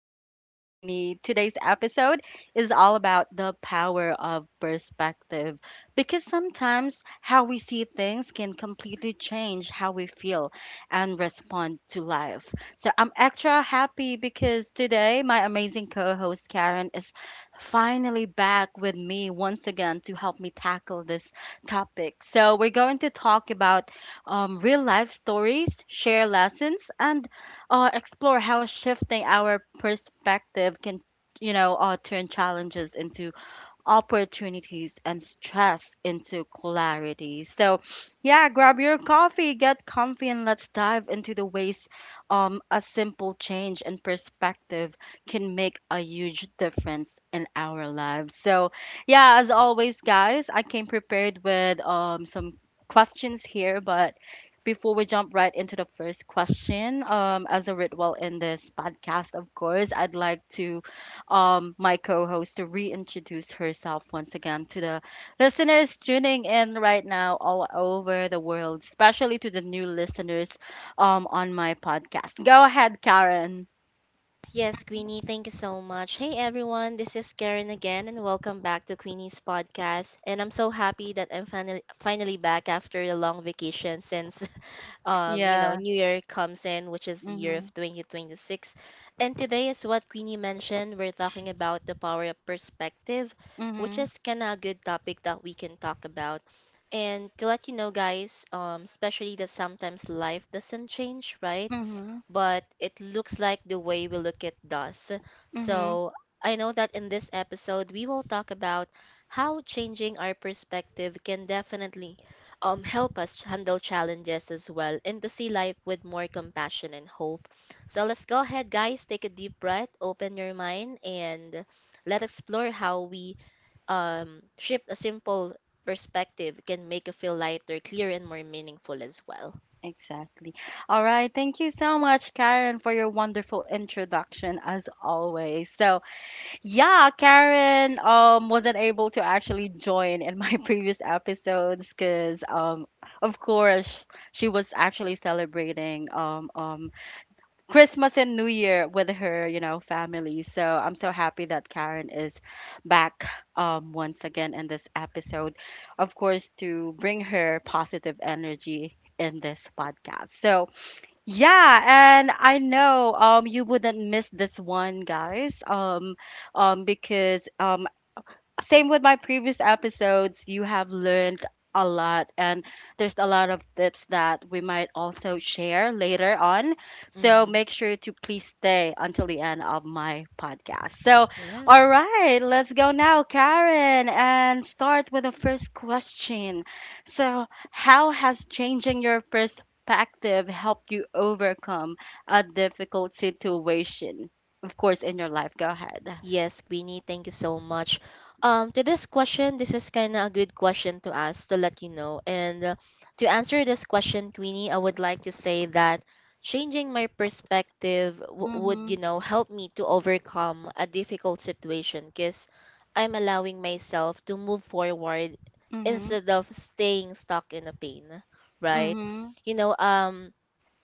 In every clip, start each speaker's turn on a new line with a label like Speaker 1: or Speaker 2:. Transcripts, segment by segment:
Speaker 1: Talks with Queenie. Today's episode is all about the power of perspective, because sometimes how we see things can completely change how we feel and respond to life. So I'm extra happy because today my amazing co host Karen is finally back with me once again to help me tackle this topic. So we're going to talk about real life stories, share lessons, and explore how shifting our perspective can, turn challenges into opportunities and stress into clarity. So, yeah, grab your coffee, get comfy, and let's dive into the ways a simple change in perspective can make a huge difference in our lives. So, yeah, as always, guys, I came prepared with some questions here, but before we jump right into the first question, as a ritual in this podcast, of course, I'd like to my co host to reintroduce herself once again to the listeners tuning in right now all over the world, especially to the new listeners on my podcast. Go ahead, Karen.
Speaker 2: Yes, Queenie, thank you so much. Hey everyone, this is Karen again and welcome back to Queenie's podcast. And I'm so happy that I'm finally back after a long vacation since you know,
Speaker 1: Yeah.
Speaker 2: new Year comes in, which is the year of
Speaker 1: Mm-hmm.
Speaker 2: 2026. And today is what Queenie mentioned, we're talking about the power of perspective, which
Speaker 1: Mm-hmm.
Speaker 2: is kind of a good topic that we can talk about. And to let you know guys, especially that sometimes life doesn't change, right?
Speaker 1: Mm-hmm.
Speaker 2: But it looks like the way we look at does.
Speaker 1: Mm-hmm.
Speaker 2: So I know that in this episode, we will talk about how changing our perspective can definitely help us handle challenges as well and to see life with more compassion and hope. So let's go ahead, guys. Take a deep breath, open your mind, and let's explore how we shift a simple perspective can make you feel lighter, clear, and more meaningful as well.
Speaker 1: Exactly. All right. Thank you so much, Karen, for your wonderful introduction as always. So, yeah, Karen wasn't able to actually join in my previous episodes because of course she was actually celebrating Christmas and New Year with her, you know, family. So I'm so happy that Karen is back once again in this episode, of course, to bring her positive energy in this podcast. So yeah, and I know you wouldn't miss this one, guys. Because Same with my previous episodes, you have learned a lot, and there's a lot of tips that we might also share later on. So
Speaker 2: hmm
Speaker 1: make sure to please stay until the end of my podcast. So, all
Speaker 2: Yes.
Speaker 1: right, let's go now, Karen, and start with the first question. So, how has changing your perspective helped you overcome a difficult situation? Of course, in your life. Go ahead.
Speaker 2: Yes, Queenie, thank you so much. To this question, this is kind of a good question to ask to let you know. And to answer this question, Queenie, I would like to say that changing my perspective would,
Speaker 1: Mm-hmm.
Speaker 2: you know, help me to overcome a difficult situation because I'm allowing myself to move forward instead of staying stuck in a pain, right?
Speaker 1: Mm-hmm.
Speaker 2: You know,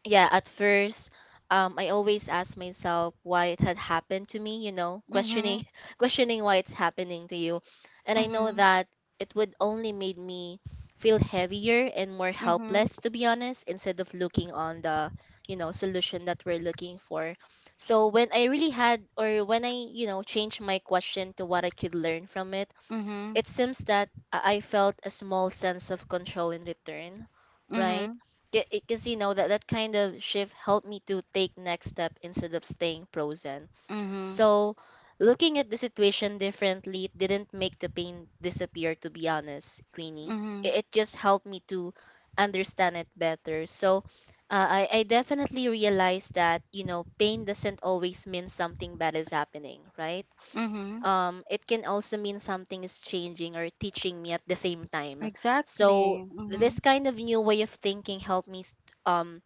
Speaker 2: yeah, at first, I always ask myself why it had happened to me, you know,
Speaker 1: Mhm.
Speaker 2: questioning questioning why it's happening to you. And I know
Speaker 1: Mhm.
Speaker 2: that it would only made me feel heavier and more
Speaker 1: Mhm.
Speaker 2: helpless to be honest, instead of looking on the, you know, solution that we're looking for. So when I really had, or when I, you know, changed my question to what I could learn from it,
Speaker 1: Mhm.
Speaker 2: it seems that I felt a small sense of control in return, right?
Speaker 1: Mhm.
Speaker 2: Because you know that that kind of shift helped me to take next step instead of staying frozen.
Speaker 1: Mhm.
Speaker 2: So, looking at the situation differently didn't make the pain disappear. To be honest, Queenie,
Speaker 1: Mhm.
Speaker 2: it just helped me to understand it better. So, I definitely realized that you know pain doesn't always mean something bad is happening, right?
Speaker 1: Mhm.
Speaker 2: It can also mean something is changing or teaching me at the same time. So
Speaker 1: Exactly.
Speaker 2: this
Speaker 1: Mhm.
Speaker 2: kind of new way of thinking helped me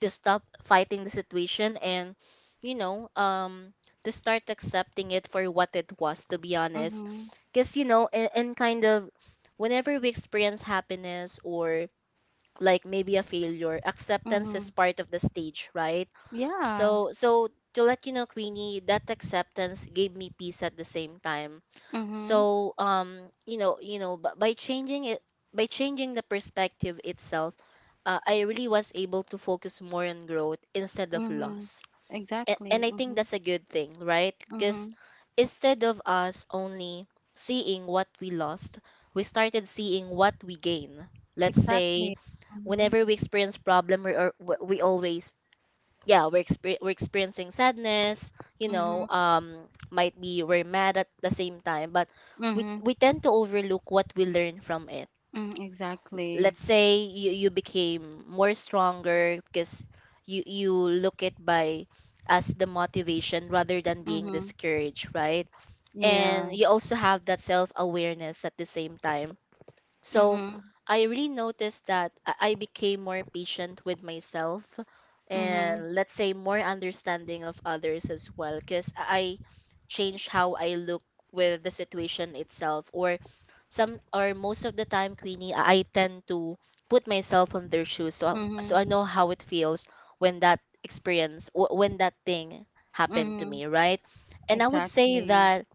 Speaker 2: to stop fighting the situation and, you know, to start accepting it for what it was, to be honest.
Speaker 1: Mhm.
Speaker 2: Because, you know, and kind of whenever we experience happiness or like maybe a failure, acceptance is
Speaker 1: Mhm.
Speaker 2: part of the stage, right?
Speaker 1: Yeah.
Speaker 2: So, so to let you know, Queenie, that acceptance gave me peace at the same time.
Speaker 1: Mhm.
Speaker 2: So, you know, by changing it, by changing the perspective itself, I really was able to focus more on growth instead of
Speaker 1: Mhm.
Speaker 2: loss.
Speaker 1: Exactly.
Speaker 2: And I think
Speaker 1: Mhm.
Speaker 2: that's a good thing, right? Because
Speaker 1: Mhm.
Speaker 2: instead of us only seeing what we lost, we started seeing what we gain. Let's say
Speaker 1: Exactly. Mhm.
Speaker 2: whenever we experience problem, we, or, we always yeah we're, exper- we're experiencing sadness, you
Speaker 1: Mhm.
Speaker 2: know, um, might be we're mad at the same time, but we
Speaker 1: Mhm.
Speaker 2: we tend to overlook what we learn from it.
Speaker 1: Mhm. Exactly.
Speaker 2: Let's say you became more stronger because you look it by as the motivation rather than being
Speaker 1: Mhm.
Speaker 2: discouraged, right? And
Speaker 1: Yeah.
Speaker 2: you also have that self awareness at the same time. So
Speaker 1: Mhm.
Speaker 2: I really noticed that I became more patient with myself
Speaker 1: Mhm.
Speaker 2: and let's say more understanding of others as well, because I changed how I look with the situation itself. Or some, or most of the time, Queenie, I tend to put myself on their shoes, so so
Speaker 1: Mhm.
Speaker 2: I know how it feels when that experience when that thing happened to
Speaker 1: Mhm.
Speaker 2: me, right? And
Speaker 1: Exactly.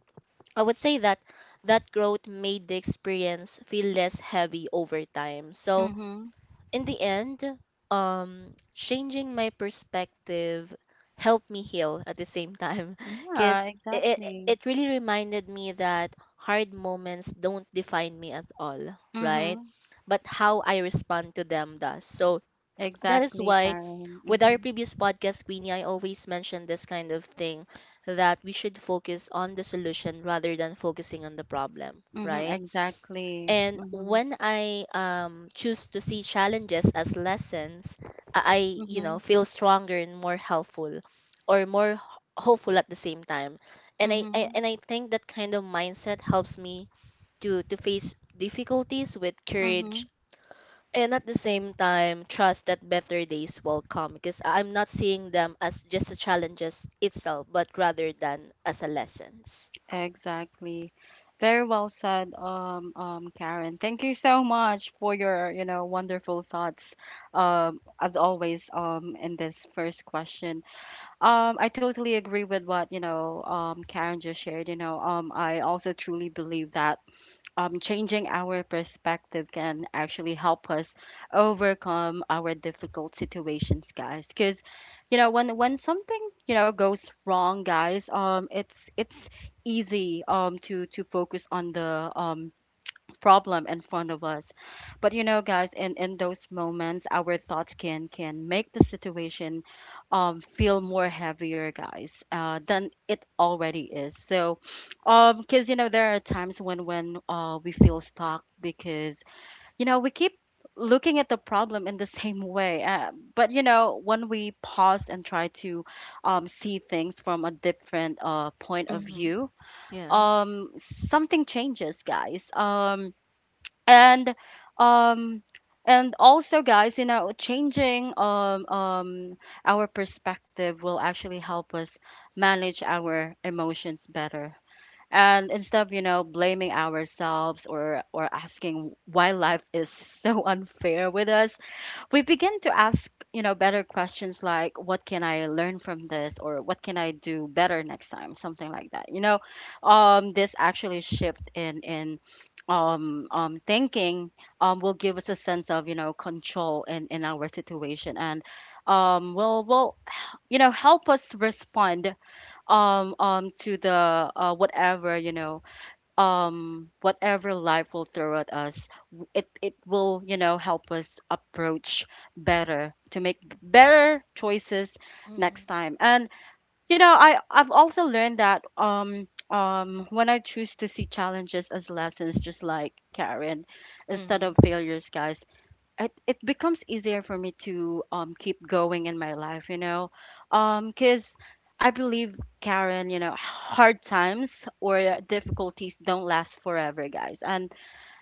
Speaker 2: I would say that that growth made the experience feel less heavy over time. So,
Speaker 1: Mhm.
Speaker 2: in the end, changing my perspective helped me heal at the same time
Speaker 1: Yeah.
Speaker 2: because it,
Speaker 1: Exactly.
Speaker 2: it really reminded me that hard moments don't define me at all, right?
Speaker 1: Mhm.
Speaker 2: But how I respond to them does. So, that is
Speaker 1: Exactly,
Speaker 2: why
Speaker 1: Karen.
Speaker 2: with our
Speaker 1: Mhm.
Speaker 2: previous podcast, Queenie, I always mention this kind of thing, that we should focus on the solution rather than focusing on the problem,
Speaker 1: Mhm,
Speaker 2: right?
Speaker 1: exactly.
Speaker 2: And
Speaker 1: Mhm.
Speaker 2: when I, choose to see challenges as lessons, you know,
Speaker 1: Mhm.
Speaker 2: feel stronger and more helpful, or more hopeful at the same time. And I, I
Speaker 1: Mhm.
Speaker 2: and I think that kind of mindset helps me to face difficulties with courage
Speaker 1: Mhm.
Speaker 2: and at the same time trust that better days will come, because I- am not seeing them as just a challenges itself but rather than as a lessons.
Speaker 1: Exactly. Very well said, Karen. Thank you so much for your, you know, wonderful thoughts, as always, in this first question. I totally agree with what, you know, Karen just shared. You know, I also truly believe that changing our perspective can actually help us overcome our difficult situations, guys, because you know when something you know goes wrong, guys, it's easy to focus on the problem in front of us. But you know, guys, in those moments, our thoughts can make the situation feel more heavier, guys, than it already is. So, because you know there are times when we feel stuck because you know we keep looking at the problem in the same way, but you know when we pause and try to see things from a different, point of
Speaker 2: Mm-hmm.
Speaker 1: view,
Speaker 2: yes
Speaker 1: um something changes, guys. And um and also, guys, you know changing our perspective will actually help us manage our emotions better. And instead of you know blaming ourselves or asking why life is so unfair with us, we begin to ask, you know, better questions like what can I learn from this or what can I do better next time, something like that, you know. This actually shift in thinking will give us a sense of you know control in our situation and will you know help us respond to the, whatever, you know, whatever life will throw at us. It will, you know, help us approach better to make better choices next
Speaker 2: mm-hmm.
Speaker 1: time. And you know I've also learned that when I choose to see challenges as lessons, just like Karen, instead
Speaker 2: Mm-hmm.
Speaker 1: of failures, guys, it becomes easier for me to keep going in my life, you know, because I believe, Karen, you know hard times or difficulties don't last forever, guys. And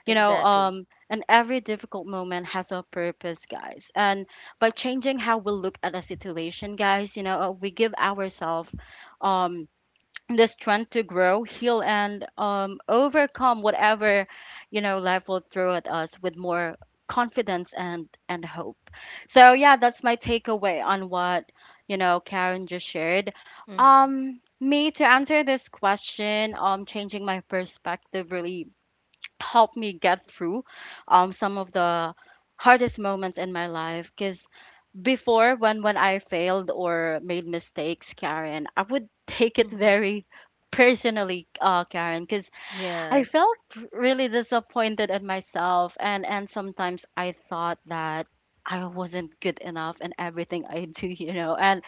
Speaker 1: you know
Speaker 2: exactly
Speaker 1: and every difficult moment has a purpose, guys. And by changing how we look at a situation, guys, you know, we give ourselves um the strength to grow, heal, and, overcome whatever, you know, life will throw at us with more confidence and hope. So yeah, that's my takeaway on what you know Karen just shared.
Speaker 2: mm-hmm.
Speaker 1: Me to answer this question, changing my perspective really helped me get through some of the hardest moments in my life because before when I failed or made mistakes, Karen, I would take it
Speaker 2: Mm-hmm.
Speaker 1: very personally, Karen, because I
Speaker 2: yes
Speaker 1: felt really disappointed at myself, and sometimes I thought that I wasn't good enough in everything I do, you know. And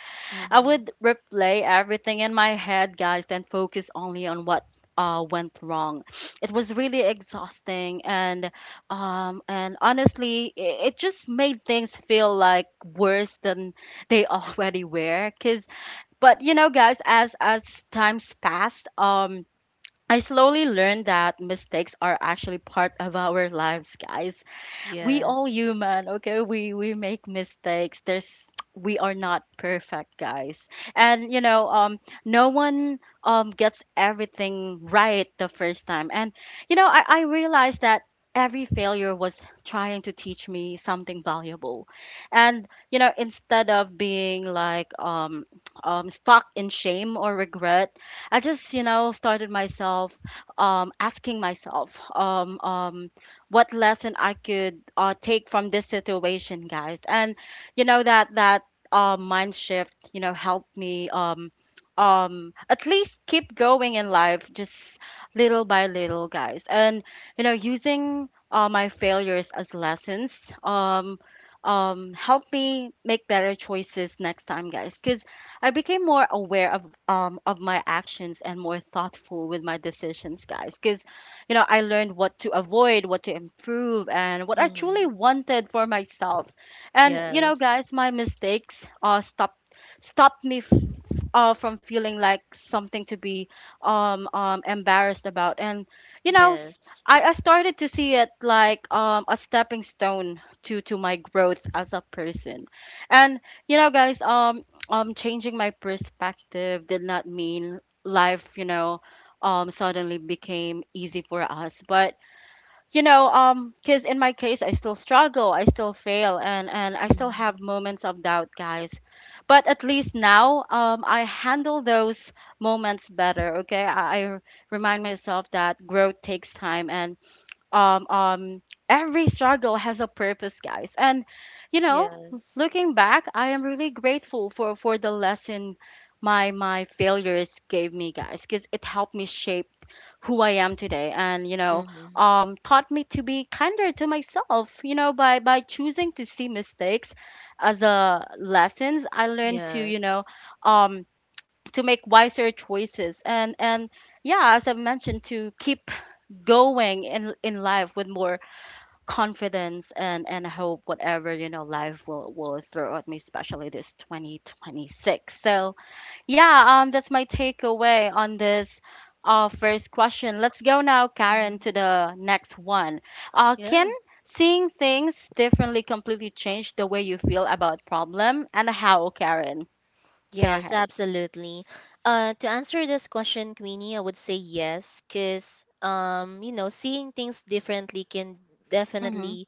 Speaker 1: I
Speaker 2: mm-hmm.
Speaker 1: would replay everything in my head, guys, then focus only on what, went wrong. It was really exhausting, and honestly, it just made things feel like worse than they already were. Cause, but you know, guys, as times passed, I slowly learned that mistakes are actually part of our lives, guys. We all
Speaker 2: yes
Speaker 1: human, okay? We make mistakes. There's We are not perfect, guys. And you know, no one gets everything right the first time. And you know, I realized that every failure was trying to teach me something valuable. And you know, instead of being like stuck in shame or regret, I just, you know, started myself asking myself what lesson I could, take from this situation, guys. And you know that that mind shift, you know, helped me at least keep going in life, just little by little, guys. And you know, using, my failures as lessons help me make better choices next time, guys, because I became more aware of my actions and more thoughtful with my decisions, guys, because you know, I learned what to avoid, what to improve, and what I truly
Speaker 2: mm-hmm.
Speaker 1: wanted for myself. And you
Speaker 2: yes
Speaker 1: know, guys, my mistakes stopped me from feeling like something to be embarrassed about. And you know,
Speaker 2: yes
Speaker 1: I started to see it like a stepping stone to my growth as a person. And you know, guys, changing my perspective did not mean life, you know, suddenly became easy for us, but you know because in my case I still struggle, I still fail, and I still
Speaker 2: mm-hmm.
Speaker 1: have moments of doubt, guys, but at least now I handle those moments better. Okay, I remind myself that growth takes time and um um every struggle has a purpose, guys. And you know,
Speaker 2: yes
Speaker 1: looking back, I am really grateful for the lesson my failures gave me, guys, because it helped me shape who I am today. And you know
Speaker 2: mm-hmm.
Speaker 1: taught me to be kinder to myself, you know, by choosing to see mistakes as a lessons I learned to, you know,
Speaker 2: yes
Speaker 1: um to make wiser choices, and yeah, as I mentioned, to keep going in life with more confidence and hope, whatever you know life will throw at me, especially this 2026. So yeah, that's my takeaway on this, first question. Let's go now, Karen, to
Speaker 2: mm-hmm.
Speaker 1: the next one. Can
Speaker 2: Yes.
Speaker 1: seeing things differently completely change the way you feel about problem and how, Karen? Go
Speaker 2: Yes,
Speaker 1: ahead.
Speaker 2: absolutely. To answer this question, Queenie, I would say yes, because you know, seeing things differently can
Speaker 1: Mhm.
Speaker 2: definitely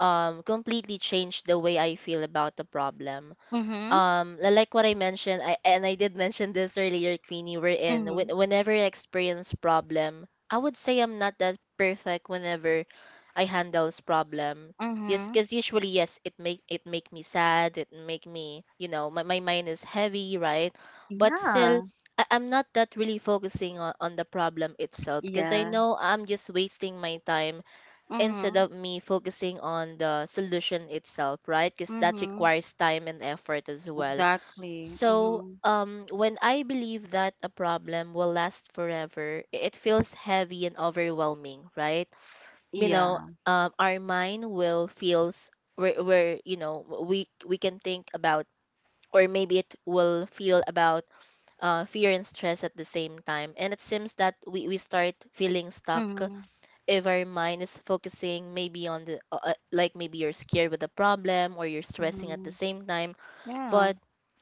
Speaker 2: completely change the way I feel about the problem.
Speaker 1: Mhm.
Speaker 2: Like what I mentioned, I did mention this earlier, Queenie,
Speaker 1: Mhm.
Speaker 2: whenever I experience problem, I would say I'm not that perfect whenever I handles problem. Yes,
Speaker 1: Mhm.
Speaker 2: because usually, yes, it make me sad, it make me, you know, my mind is heavy, right? But still,
Speaker 1: Yeah.
Speaker 2: I'm not that really focusing on the problem itself, because I
Speaker 1: Yeah.
Speaker 2: know I'm just wasting my time instead
Speaker 1: Mhm.
Speaker 2: of me focusing on the solution itself, right? Because that
Speaker 1: Mhm.
Speaker 2: requires time and effort as well.
Speaker 1: Exactly.
Speaker 2: So,
Speaker 1: Mhm.
Speaker 2: when I believe that a problem will last forever, it feels heavy and overwhelming, right? You know,
Speaker 1: Yeah.
Speaker 2: our mind will feels where you know we can think about, or maybe it will feel about fear and stress at the same time, and it seems that we start feeling stuck
Speaker 1: Mhm.
Speaker 2: if our mind is focusing maybe on the like maybe you're scared with a problem or you're stressing at the
Speaker 1: Mhm.
Speaker 2: same time.
Speaker 1: Yeah.
Speaker 2: but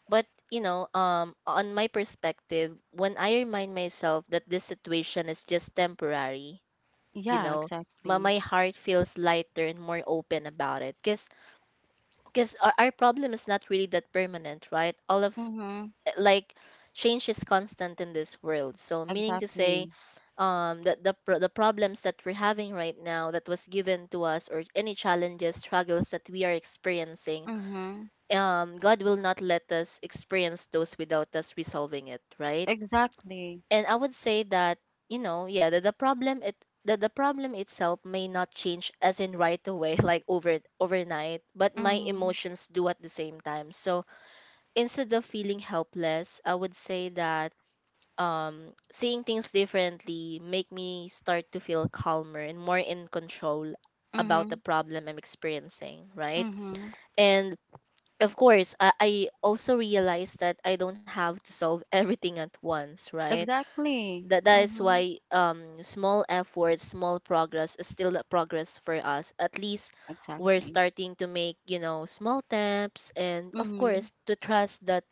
Speaker 2: but you know, on my perspective, when I remind myself that this situation is just temporary, you
Speaker 1: Yeah.
Speaker 2: know, my,
Speaker 1: Exactly.
Speaker 2: my heart feels lighter and more open about it, because our problem is not really that permanent, right? All of,
Speaker 1: Mhm.
Speaker 2: like, change is constant in this world, so meaning to say
Speaker 1: Exactly.
Speaker 2: that the problems that we're having right now that was given to us, or any challenges struggles that we are experiencing,
Speaker 1: Mhm.
Speaker 2: god will not let us experience those without us resolving it, right?
Speaker 1: Exactly.
Speaker 2: And I would say that, you know, yeah, that the problem itself may not change as in right away like overnight, but my
Speaker 1: Mhm.
Speaker 2: emotions do at the same time. So instead of feeling helpless, I would say that, seeing things differently make me start to feel calmer and more in control about the
Speaker 1: Mhm.
Speaker 2: problem I'm experiencing, right?
Speaker 1: Mhm.
Speaker 2: And of course, I also realize that I don't have to solve everything at once, right?
Speaker 1: Exactly.
Speaker 2: That that is
Speaker 1: Mhm.
Speaker 2: why, small efforts, small progress is still a progress for us. At least we're
Speaker 1: Exactly.
Speaker 2: starting to make, you know, small steps, and of
Speaker 1: Mhm.
Speaker 2: course to trust that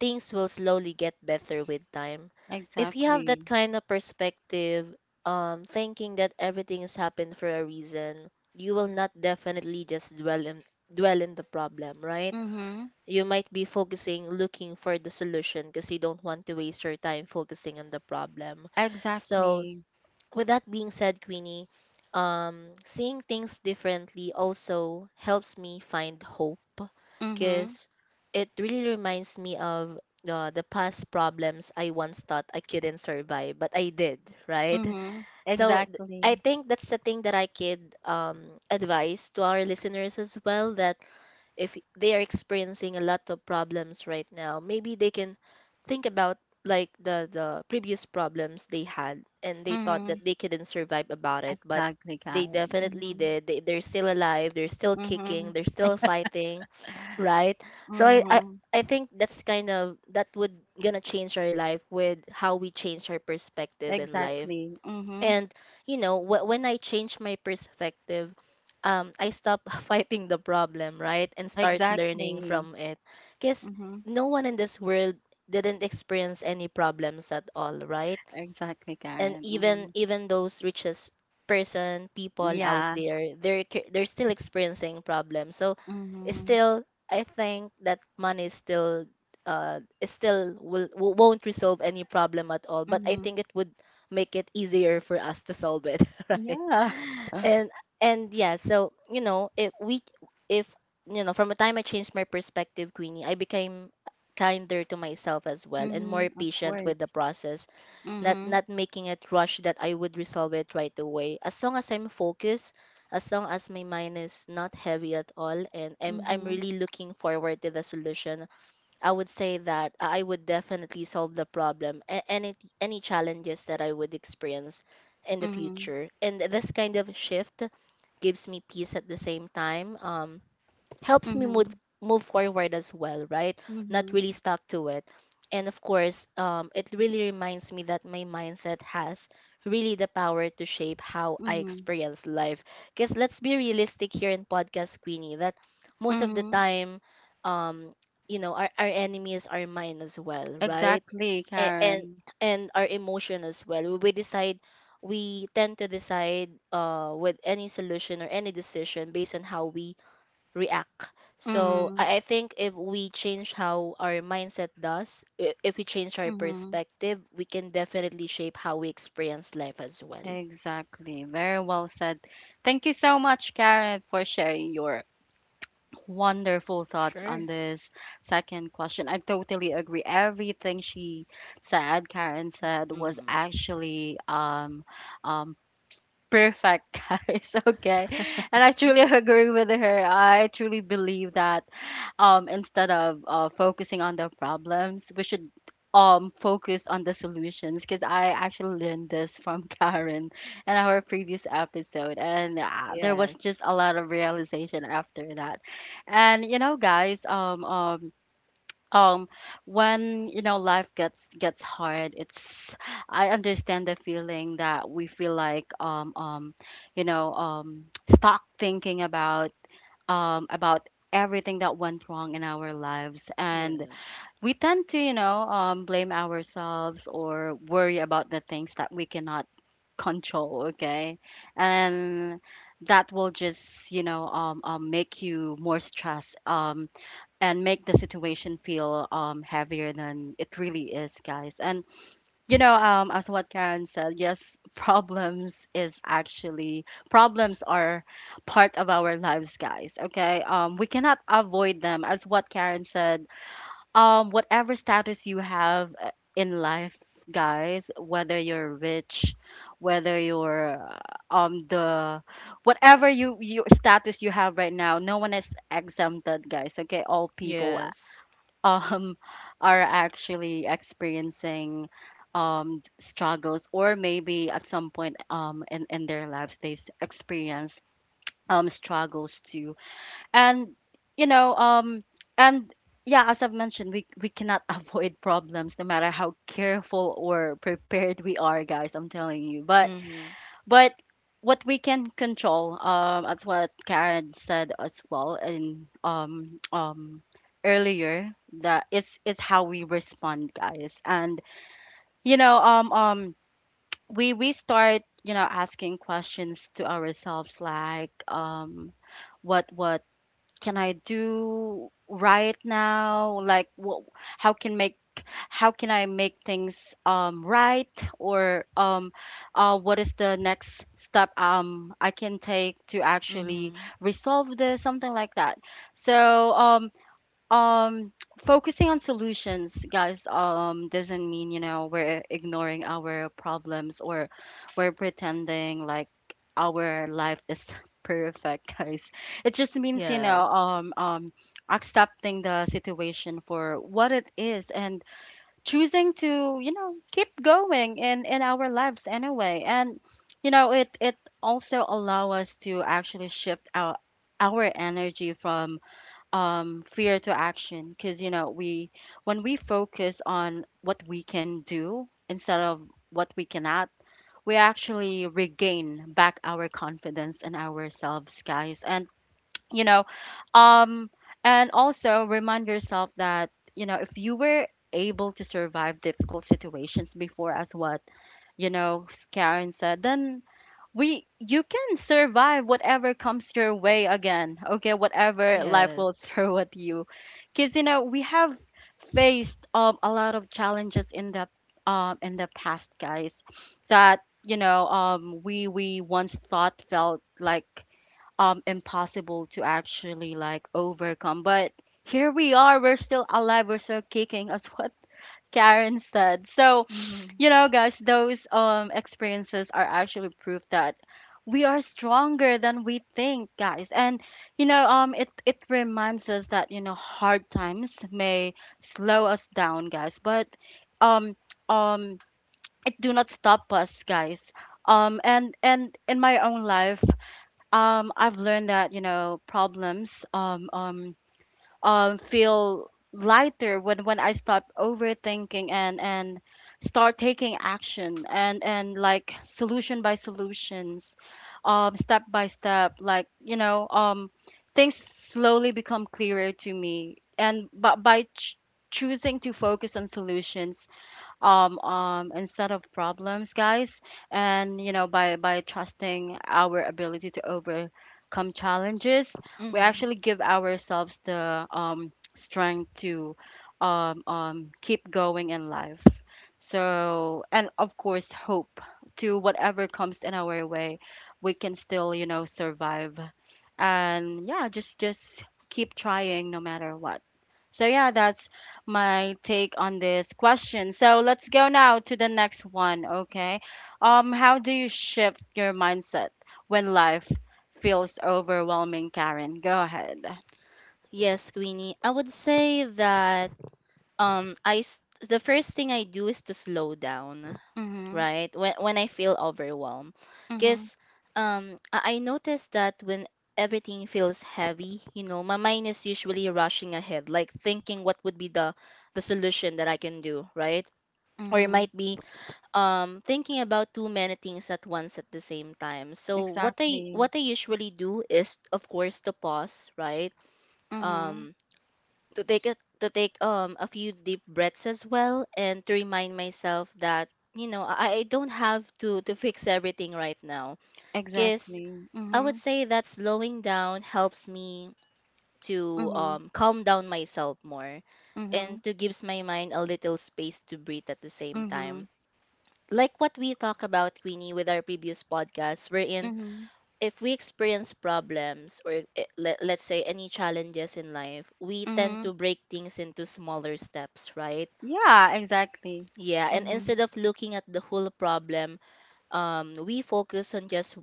Speaker 2: things will slowly get better with time. If you have
Speaker 1: Exactly.
Speaker 2: that kind of perspective, thinking that everything has happened for a reason, you will not definitely just dwell in the problem, right?
Speaker 1: Mhm.
Speaker 2: You might be focusing looking for the solution because you don't want to waste your time focusing on the problem. So
Speaker 1: Exactly.
Speaker 2: with that being said, Queenie, seeing things differently also helps me find hope,
Speaker 1: Mhm.
Speaker 2: because it really reminds me of the past problems I once thought I couldn't survive, but I did, right?
Speaker 1: Mhm.
Speaker 2: So
Speaker 1: Exactly.
Speaker 2: I think that's the thing that I could, advise to our listeners as well, that if they are experiencing a lot of problems right now, maybe they can think about like the previous problems they had and they thought that
Speaker 1: Mhm.
Speaker 2: they couldn't survive about it, but
Speaker 1: Exactly,
Speaker 2: they
Speaker 1: Karen.
Speaker 2: definitely
Speaker 1: Mhm.
Speaker 2: did. They're still alive, they're still kicking,
Speaker 1: Mhm.
Speaker 2: they're still fighting, right? So
Speaker 1: Mhm.
Speaker 2: I think that's kind of that would gonna change our life with how we change our perspective in life.
Speaker 1: Exactly. Mhm.
Speaker 2: And you know, when I change my perspective, I stop fighting the problem, right, and start learning
Speaker 1: Exactly.
Speaker 2: from it. Because
Speaker 1: Mhm.
Speaker 2: no one in this world didn't experience any problems at all, right?
Speaker 1: Exactly,
Speaker 2: And
Speaker 1: Karen. Mhm.
Speaker 2: even those richest person people out
Speaker 1: Yeah.
Speaker 2: there, they're they're still experiencing problems. So it's
Speaker 1: Mhm.
Speaker 2: still, I think that money is still, is still will won't resolve any problem at all, but I
Speaker 1: Mhm.
Speaker 2: think it would make it easier for us to solve it, right?
Speaker 1: Yeah.
Speaker 2: and and yeah, so you know if we if from the time I changed my perspective, Queenie, I became kinder to myself as well and more
Speaker 1: Mhm. Of
Speaker 2: patient with the
Speaker 1: course.
Speaker 2: process. not
Speaker 1: Mhm.
Speaker 2: not making it rush that I would resolve it right away. As long as I'm focused, as long as my mind is not heavy at all, and I'm
Speaker 1: Mhm.
Speaker 2: really looking forward to the solution. I would say that I would definitely solve the problem and any challenges that I would experience in the
Speaker 1: Mhm.
Speaker 2: future. And this kind of shift gives me peace at the same time. Helps me move
Speaker 1: Mhm.
Speaker 2: move forward as well, right? Not
Speaker 1: Mhm.
Speaker 2: really stuck to it. And of course, it really reminds me that my mindset has really the power to shape how I
Speaker 1: Mhm.
Speaker 2: experience life. Because let's be realistic here in Podcast Queenie that most of the
Speaker 1: Mhm.
Speaker 2: time, um, you know, our enemy is our mind as well, right?
Speaker 1: Exactly,
Speaker 2: And, and
Speaker 1: Karen.
Speaker 2: and our emotion as well. We tend to decide with any solution or any decision based on how we react. So
Speaker 1: Mhm.
Speaker 2: I think if we change how our mindset does, if we change our
Speaker 1: Mhm.
Speaker 2: perspective, we can definitely shape how we experience life as well.
Speaker 1: Exactly. Very well said. Thank you so much, Karen, for sharing your wonderful thoughts on
Speaker 2: Sure.
Speaker 1: this second question. I totally agree. Everything she said, Karen said, was
Speaker 2: Mm-hmm.
Speaker 1: actually um perfect, guys. Okay. And I truly agree with her. I truly believe that instead of focusing on the problems we should focus on the solutions, because I actually learned this from Karen in our previous episode. And there was just a lot of realization after that. And you know guys, um when you know life gets hard, it's, I understand the feeling that we feel like, you know, stuck thinking about, about everything that went wrong in our lives. And
Speaker 2: Yes.
Speaker 1: we tend to, you know, blame ourselves or worry about the things that we cannot control, okay? And that will just, you know, make you more stressed, and make the situation feel heavier than it really is, guys. And you know, as what Karen said, yes, problems is actually problems are part of our lives, guys. Okay, we cannot avoid them. As what Karen said, whatever status you have in life, guys, whether you're rich, whether you're the whatever your status you have right now, no one is exempted, guys. Okay, all people
Speaker 2: Yes.
Speaker 1: um are actually experiencing struggles, or maybe at some point in their lives they experience struggles too. And you know, and yeah, as I've mentioned, we cannot avoid problems no matter how careful or prepared we are, guys, I'm telling you. but
Speaker 2: Mm-hmm.
Speaker 1: but what we can control, as what Karen said as well, and earlier, that is how we respond, guys. And you know, we start, you know, asking questions to ourselves like, what was can I do right now? Like, what, how can make how can I make things right, or what is the next step I can take to actually
Speaker 2: Mm-hmm.
Speaker 1: resolve this, something like that. So um focusing on solutions, guys, doesn't mean, you know, we're ignoring our problems or we're pretending like our life is perfect, guys. It just means, you know,
Speaker 2: Yes.
Speaker 1: accepting the situation for what it is and choosing to, you know, keep going in our lives anyway. And you know, it also allow us to actually shift our energy from fear to action, because you know, we when we focus on what we can do instead of what we cannot, we actually regain back our confidence in ourselves, guys. And you know, um and also remind yourself that you know, if you were able to survive difficult situations before, as what, you know, Karen said, then we you can survive whatever comes your way again, okay, whatever life will
Speaker 2: Yes.
Speaker 1: throw at you. Because you know, we have faced a lot of challenges in the past, guys, that you know, we once thought felt like impossible to actually like overcome. But here we are, we're still alive, we're still kicking, as what Karen said. So
Speaker 2: Mm-hmm.
Speaker 1: you know, guys, those experiences are actually proof that we are stronger than we think, guys. And you know, it reminds us that, you know, hard times may slow us down, guys, but um um it do not stop us, guys. And In my own life, I've learned that, you know, problems feel lighter when I stop overthinking and start taking action, and like solution by solutions, step by step, like you know, things slowly become clearer to me. And but By choosing to focus on solutions instead of problems, guys. And you know, by trusting our ability to overcome challenges, we
Speaker 2: Mm-hmm.
Speaker 1: actually give ourselves the strength to keep going in life. So, and of course, hope to whatever comes in our way, we can still, you know, survive. And yeah, just keep trying no matter what. So, yeah, that's my take on this question. So, let's go now to the next one, okay? How do you shift your mindset when life feels overwhelming, Karen? Go ahead.
Speaker 2: Yes, Queenie. I would say that um I s- the first thing I do is to slow down.
Speaker 1: Mhm.
Speaker 2: Right? When I feel overwhelmed,
Speaker 1: Mhm.
Speaker 2: because I noticed that when everything feels heavy, you know, my mind is usually rushing ahead, like thinking what would be the solution that I can do, right? Or it
Speaker 1: Mhm.
Speaker 2: might be thinking about too many things at once at the same time. So what I
Speaker 1: Exactly.
Speaker 2: what I usually do is of course to pause, right?
Speaker 1: Mhm.
Speaker 2: Um to take a, to take a few deep breaths as well and to remind myself that you know I don't have to fix everything right now, because
Speaker 1: Exactly.
Speaker 2: I would
Speaker 1: Mhm.
Speaker 2: say that slowing down helps me to
Speaker 1: Mhm.
Speaker 2: calm down myself more
Speaker 1: Mhm.
Speaker 2: and to gives my mind a little space to breathe at the same
Speaker 1: Mhm.
Speaker 2: time, like what we talk about, Queenie, with our previous podcast wherein
Speaker 1: Mhm.
Speaker 2: if we experience problems or let, let's say any challenges in life, we tend
Speaker 1: Mhm.
Speaker 2: to break things into smaller steps, right?
Speaker 1: Yeah, exactly.
Speaker 2: Yeah, and
Speaker 1: Mhm.
Speaker 2: instead of looking at the whole problem, we focus on just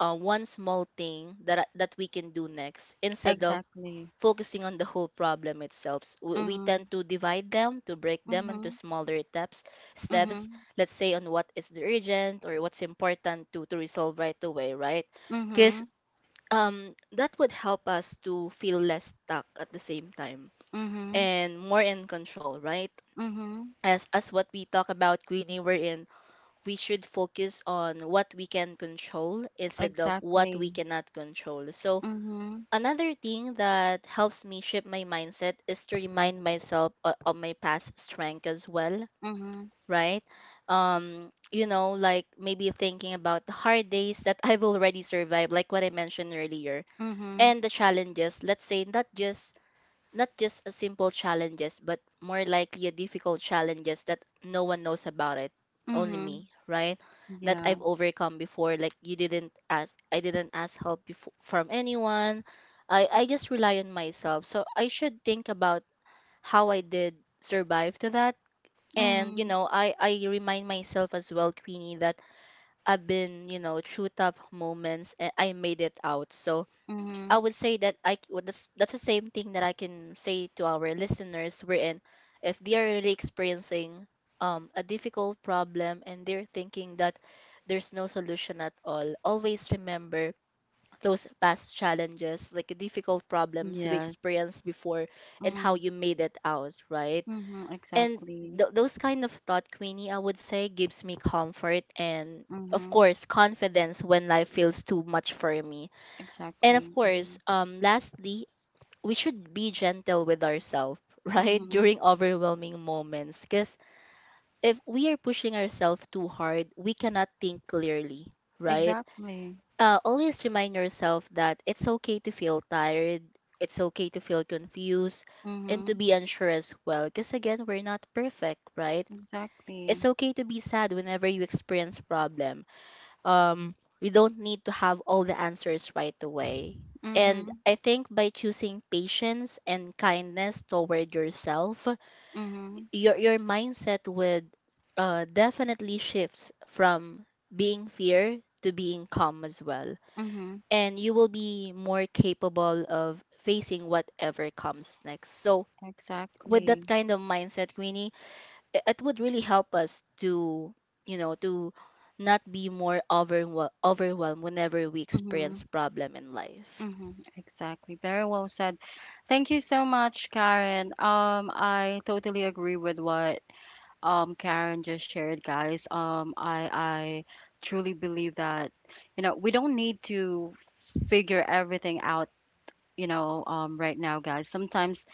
Speaker 2: one small thing that we can do next instead of
Speaker 1: Exactly.
Speaker 2: focusing on the whole problem itself. We
Speaker 1: Mhm.
Speaker 2: tend to divide them, to break them into
Speaker 1: Mhm.
Speaker 2: smaller steps. Steps,
Speaker 1: Mhm.
Speaker 2: let's say on what is the urgent or what's important to resolve right away, right? Because
Speaker 1: Mhm.
Speaker 2: that would help us to feel less stuck at the same time
Speaker 1: Mhm.
Speaker 2: and more in control, right?
Speaker 1: Mhm.
Speaker 2: As what we talk about, Queenie, we're in. We should focus on what we can control instead of what we
Speaker 1: Exactly.
Speaker 2: cannot control. So
Speaker 1: Mhm.
Speaker 2: another thing that helps me shape my mindset is to remind myself of my past strength as well,
Speaker 1: Mhm.
Speaker 2: right? You know, like maybe thinking about the hard days that I've already survived, like what I mentioned earlier,
Speaker 1: Mhm.
Speaker 2: and the challenges, let's say not just a simple challenges but more likely a difficult challenges that no one knows about it, only
Speaker 1: Mhm.
Speaker 2: me, right? That I've
Speaker 1: Yeah.
Speaker 2: overcome before. Like you didn't ask I didn't ask help before, from anyone. I just rely on myself, so I should think about how I did survive to that. And you
Speaker 1: Mhm.
Speaker 2: know, I remind myself as well, Queenie, that I've been, you know, through tough moments and I made it out. So I
Speaker 1: Mhm.
Speaker 2: would say that well, that's the same thing that I can say to our listeners. Wherein, if they are really experiencing a difficult problem and they're thinking that there's no solution at all, always remember those past challenges, like difficult problems we
Speaker 1: Yes.
Speaker 2: experienced before, and how
Speaker 1: Mhm.
Speaker 2: you made it out, right?
Speaker 1: Mhm.
Speaker 2: And
Speaker 1: Exactly.
Speaker 2: those kind of thought, Queenie, I would say, gives me comfort and, of
Speaker 1: Mhm.
Speaker 2: course, confidence when life feels too much for me. And of
Speaker 1: Exactly.
Speaker 2: course,
Speaker 1: Mhm.
Speaker 2: lastly, we should be gentle with ourselves, right? During
Speaker 1: Mhm.
Speaker 2: overwhelming moments. Because if we are pushing ourselves too hard, we cannot think clearly, right?
Speaker 1: Exactly.
Speaker 2: Always remind yourself that it's okay to feel tired, it's okay to feel confused, and to
Speaker 1: Mhm.
Speaker 2: be unsure as well. Because again, we're not perfect, right? It's
Speaker 1: Exactly.
Speaker 2: okay to be sad whenever you experience problem. um, we don't need to have all the answers right away. And
Speaker 1: Mhm.
Speaker 2: I think by choosing patience and kindness toward yourself,
Speaker 1: Mhm.
Speaker 2: your mindset would definitely shifts from being fear to being calm as well.
Speaker 1: Mhm.
Speaker 2: And you will be more capable of facing whatever comes next. So with that
Speaker 1: Exactly.
Speaker 2: kind of mindset, Queenie, it would really help us to you know to not be more overwhelmed whenever we experience
Speaker 1: Mhm.
Speaker 2: problem in life.
Speaker 1: Mhm. Exactly. Very well said. Thank you so much, Karen. I totally agree with what Karen just shared, guys. Um, I truly believe that you know, we don't need to figure everything out, you know, right now, guys. Sometimes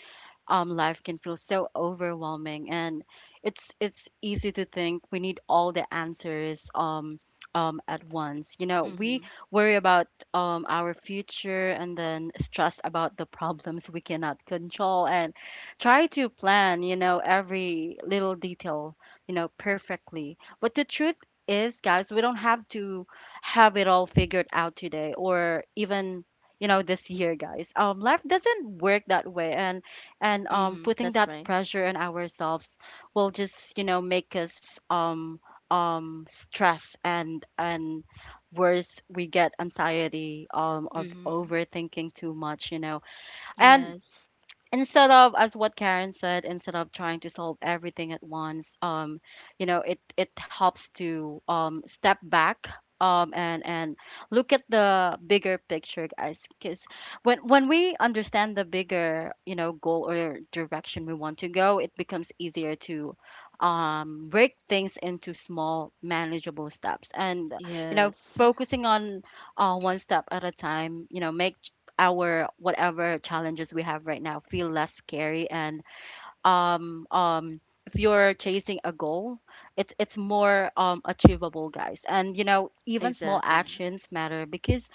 Speaker 1: life can feel so overwhelming, and it's easy to think we need all the answers at once. You know, we
Speaker 2: Mm-hmm.
Speaker 1: worry about our future and then stress about the problems we cannot control, and try to plan, you know, every little detail, you know, perfectly. But the truth is, guys, we don't have to have it all figured out today, or even, you know, this year, guys. Life doesn't work that way, and
Speaker 2: Mm-hmm.
Speaker 1: putting
Speaker 2: That's
Speaker 1: that
Speaker 2: right.
Speaker 1: pressure on ourselves will just, you know, make us stress, and worse, we get anxiety of
Speaker 2: Mm-hmm.
Speaker 1: overthinking too much, you know. And
Speaker 2: Yes.
Speaker 1: instead of, as what Karen said, instead of trying to solve everything at once, you know, it helps to step back and look at the bigger picture, guys. Because when we understand the bigger, you know, goal or direction we want to go, it becomes easier to break things into small manageable steps. And you know,
Speaker 2: Yes.
Speaker 1: focusing on one step at a time, you know, make our, whatever challenges we have right now, feel less scary. And um um if you're chasing a goal, it's more achievable, guys. And you know, even small
Speaker 2: Exactly.
Speaker 1: actions matter, because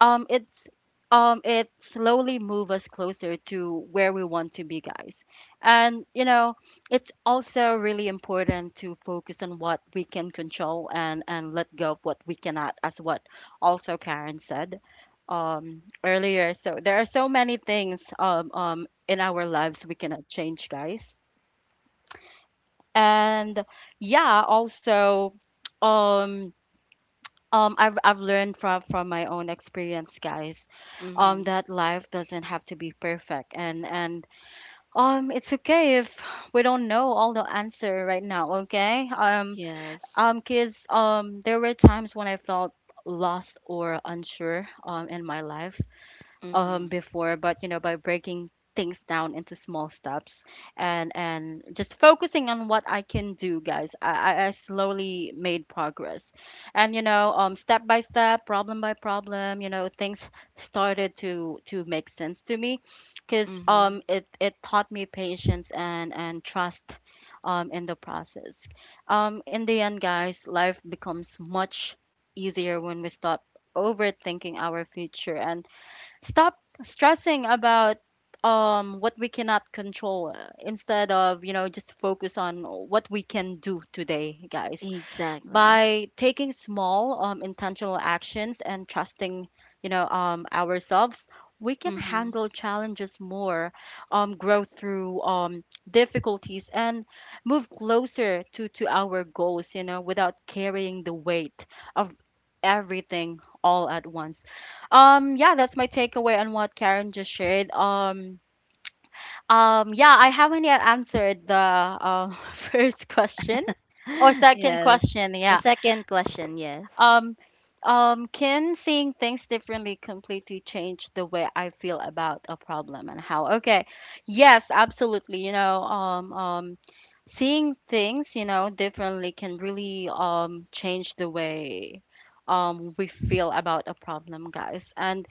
Speaker 1: um it's it slowly move us closer to where we want to be, guys. And you know, it's also really important to focus on what we can control and let go of what we cannot, as what also Karen said earlier. So there are so many things in our lives we cannot change, guys. And yeah, also, um I've learned from my own experience, guys,
Speaker 2: Mm-hmm.
Speaker 1: that life doesn't have to be perfect. And it's okay if we don't know all the answer right now, okay? Um
Speaker 2: Yes.
Speaker 1: um kids, there were times when I felt lost or unsure in my life
Speaker 2: Mm-hmm.
Speaker 1: before. But you know, by breaking things down into small steps, and just focusing on what I can do, guys, I slowly made progress. And you know, step by step, problem by problem, you know, things started to make sense to me. Because
Speaker 2: Mm-hmm.
Speaker 1: it taught me patience, and trust in the process. In the end, guys, life becomes much easier when we stop overthinking our future, and Stop stressing about what we cannot control, instead of, you know, just focus on what we can do today, guys.
Speaker 2: Exactly.
Speaker 1: By taking small, intentional actions, and trusting, you know, ourselves, we can
Speaker 2: Mm-hmm.
Speaker 1: handle challenges more, grow through difficulties, and move closer to our goals, you know, without carrying the weight of everything all at once. Yeah, that's my takeaway on what Karen just shared. Um, yeah, I haven't yet answered the first question or second
Speaker 2: Yes.
Speaker 1: question,
Speaker 2: The
Speaker 1: yeah.
Speaker 2: second question, yes.
Speaker 1: um, can seeing things differently completely change the way I feel about a problem, and how? Okay, yes, absolutely. You know, seeing things, you know, differently can really change the way we feel about a problem, guys. And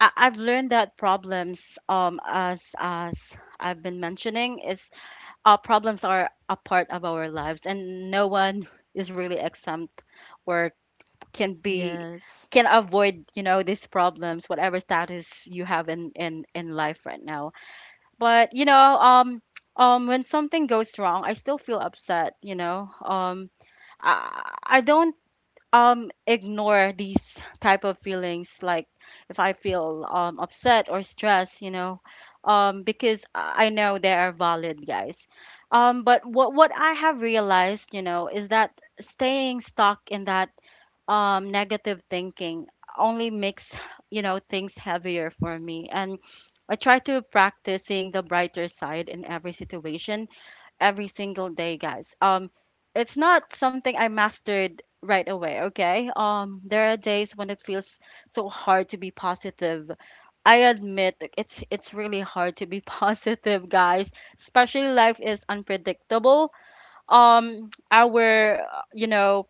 Speaker 1: I've learned that problems, as I've been mentioning, is problems are a part of our lives, and no one is really exempt, or can be
Speaker 2: Yes.
Speaker 1: can avoid, you know, these problems, whatever status you have in in life right now. But you know, when something goes wrong, I still feel upset, you know. Um, I don't ignore these type of feelings. Like, if I feel upset or stressed, you know, because I know they are valid, guys. But what I have realized, you know, is that staying stuck in that negative thinking only makes, you know, things heavier for me. And I try to practice seeing the brighter side in every situation every single day, guys. It's not something I mastered right away, okay. There are days when it feels so hard to be positive. I admit that it's really hard to be positive, guys, especially life is unpredictable. Our You know,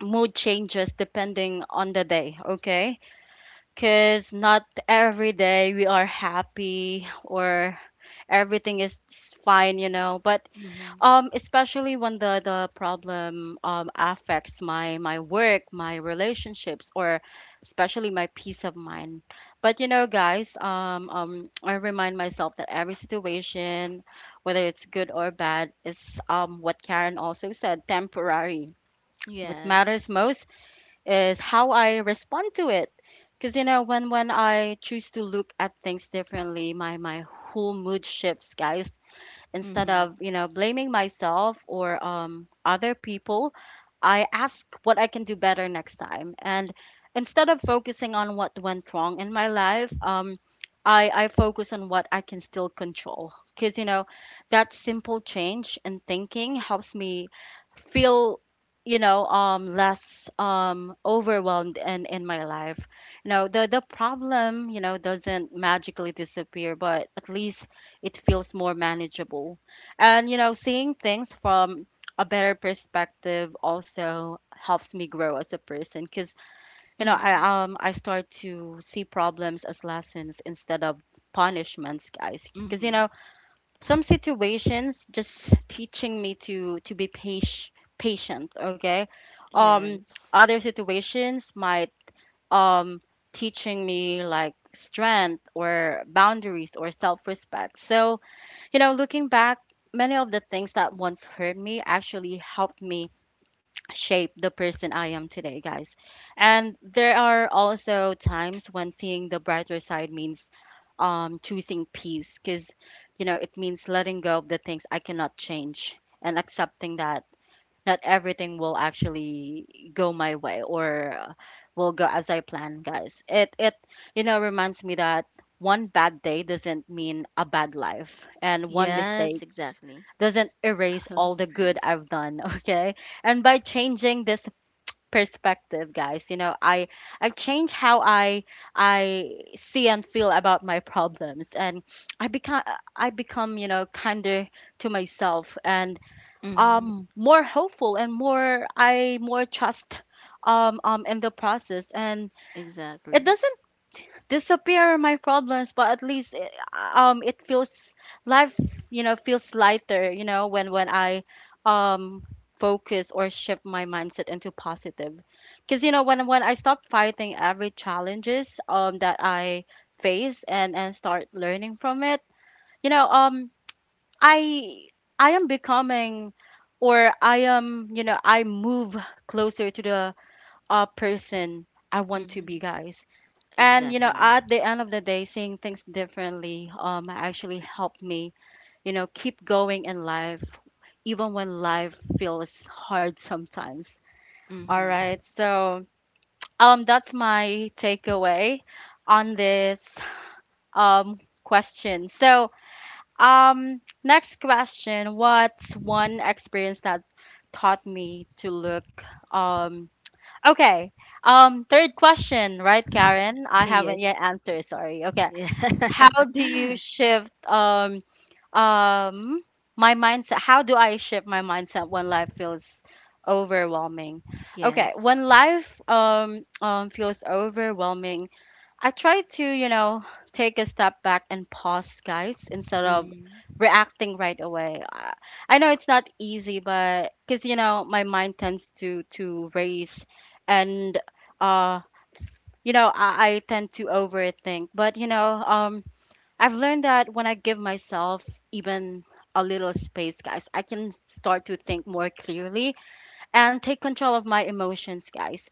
Speaker 1: mood changes depending on the day, okay? Because not every day we are happy, or everything is fine, you know. But
Speaker 2: Mm-hmm.
Speaker 1: especially when the problem affects my work, my relationships, or especially my peace of mind. But you know, guys, I remind myself that every situation, whether it's good or bad, is, what Karen also said, temporary. What
Speaker 2: Yes.
Speaker 1: matters most is how I respond to it. Because when I choose to look at things differently, my whole mood shifts, guys. Instead
Speaker 2: Mm-hmm.
Speaker 1: of blaming myself or other people, I ask what I can do better next time. And instead of focusing on what went wrong in my life, I focus on what I can still control. Because that simple change in thinking helps me feel less overwhelmed in my life. The problem doesn't magically disappear, but at least it feels more manageable. And seeing things from a better perspective also helps me grow as a person, because
Speaker 2: Mm-hmm.
Speaker 1: I start to see problems as lessons instead of punishments, guys. Because
Speaker 2: Mm-hmm.
Speaker 1: some situations just teaching me to be patient, okay? Um,
Speaker 2: Yes.
Speaker 1: Other situations might, um, teaching me like strength or boundaries or self-respect. So looking back, many of the things that once hurt me actually helped me shape the person I am today, guys. And there are also times when seeing the brighter side means choosing peace, because it means letting go of the things I cannot change and accepting that not everything will actually go my way, or will go as I plan, guys. It reminds me that one bad day doesn't mean a bad life, and one
Speaker 2: Yes,
Speaker 1: mistake
Speaker 2: exactly.
Speaker 1: doesn't erase all the good I've done, okay? And by changing this perspective, guys I change how I see and feel about my problems, and I become I become kinder to myself, and
Speaker 2: Mm-hmm.
Speaker 1: more hopeful, and more trust in the process. And it
Speaker 2: Exactly.
Speaker 1: doesn't disappear my problems, but at least it feels, life feels lighter when I um focus or shift my mindset into positive. Because when I stop fighting every challenges that I face, and start learning from it, you know um i I am becoming, or I am you know I move closer to the person I want to
Speaker 2: Mm-hmm.
Speaker 1: be, guys. And
Speaker 2: Exactly.
Speaker 1: at the end of the day, seeing things differently actually helped me keep going in life, even when life feels hard sometimes. All
Speaker 2: Mm-hmm.
Speaker 1: right, so that's my takeaway on this um question. So next question, what's one experience that taught me to look um okay. Third question, right, Karen? I
Speaker 2: Yes.
Speaker 1: haven't yet answered. Sorry. Okay.
Speaker 2: Yeah.
Speaker 1: How do you shift um my mindset? How do I shift my mindset when life feels overwhelming? Okay,
Speaker 2: Yes.
Speaker 1: when life feels overwhelming, I try to take a step back and pause, guys, instead of
Speaker 2: Mm-hmm.
Speaker 1: reacting right away. I know it's not easy, but cuz my mind tends to race, and uh I tend to overthink. But I've learned that when I give myself even a little space, guys, I can start to think more clearly and take control of my emotions, guys.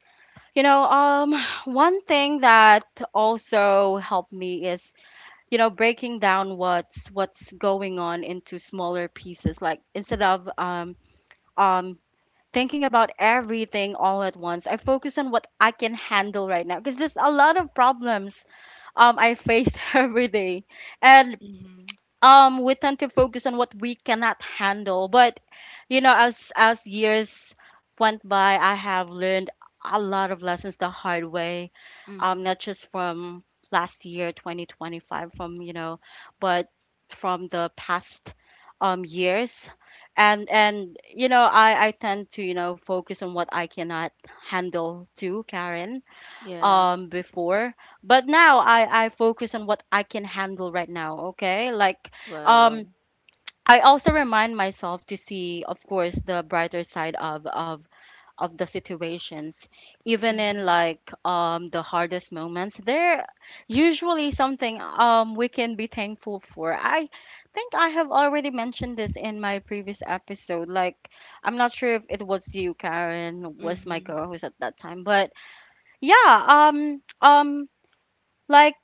Speaker 1: You know, um, One thing that also helped me is breaking down what's going on into smaller pieces. Like, instead of um thinking about everything all at once, I focus on what I can handle right now, because there's a lot of problems I face every day. And
Speaker 2: Mm-hmm.
Speaker 1: we tend to focus on what we cannot handle, but as years went by, I have learned a lot of lessons the hard way.
Speaker 2: Mm-hmm.
Speaker 1: Not just from last year 2025 from you know but from the past years. And you know I tend to focus on what I cannot handle too, Karen.
Speaker 2: Yeah.
Speaker 1: Before. But now I focus on what I can handle right now, okay? Like
Speaker 2: Wow.
Speaker 1: um I also remind myself to see, of course, the brighter side of the situations. Even in,
Speaker 2: Mm-hmm.
Speaker 1: like, the hardest moments, there usually something we can be thankful for. I think I have already mentioned this in my previous episode. Like, I'm not sure if it was you, Karen, was my
Speaker 2: Mm-hmm.
Speaker 1: co-host at that time. But yeah, like,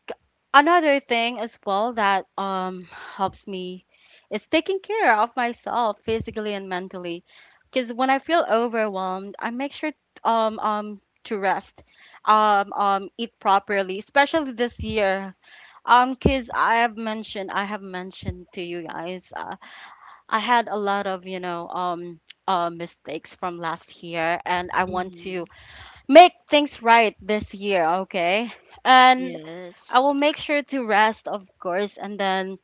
Speaker 1: another thing as well that helps me is taking care of myself physically and mentally. Because when I feel overwhelmed, I make sure to rest, eat properly, especially this year. Because I have mentioned to you guys, I had a lot of mistakes from last year, and I want
Speaker 2: Mm-hmm.
Speaker 1: to make things right this year. Okay, and I
Speaker 2: Yes.
Speaker 1: will make sure to rest, of course, and then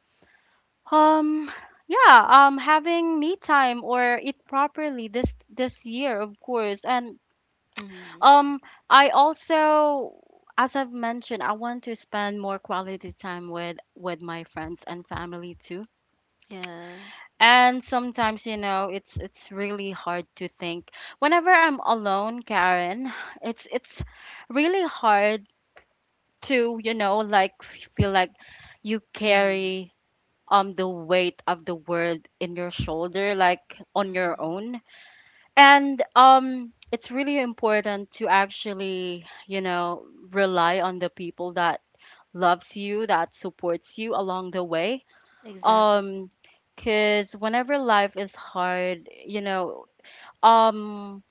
Speaker 1: um yeah, having me time or eat properly this year, of course. And
Speaker 2: Mm-hmm.
Speaker 1: um I also, as I've mentioned, I want to spend more quality time with my friends and family too.
Speaker 2: Yeah.
Speaker 1: And sometimes it's really hard to think. Whenever I'm alone, Karen, it's really hard to like, feel like you
Speaker 2: Mm-hmm.
Speaker 1: carry the weight of the world in your shoulder, like on your
Speaker 2: Mm-hmm.
Speaker 1: own. And it's really important to actually rely on the people that loves you, that supports you along the way.
Speaker 2: Exactly.
Speaker 1: um because whenever life is hard, you know, um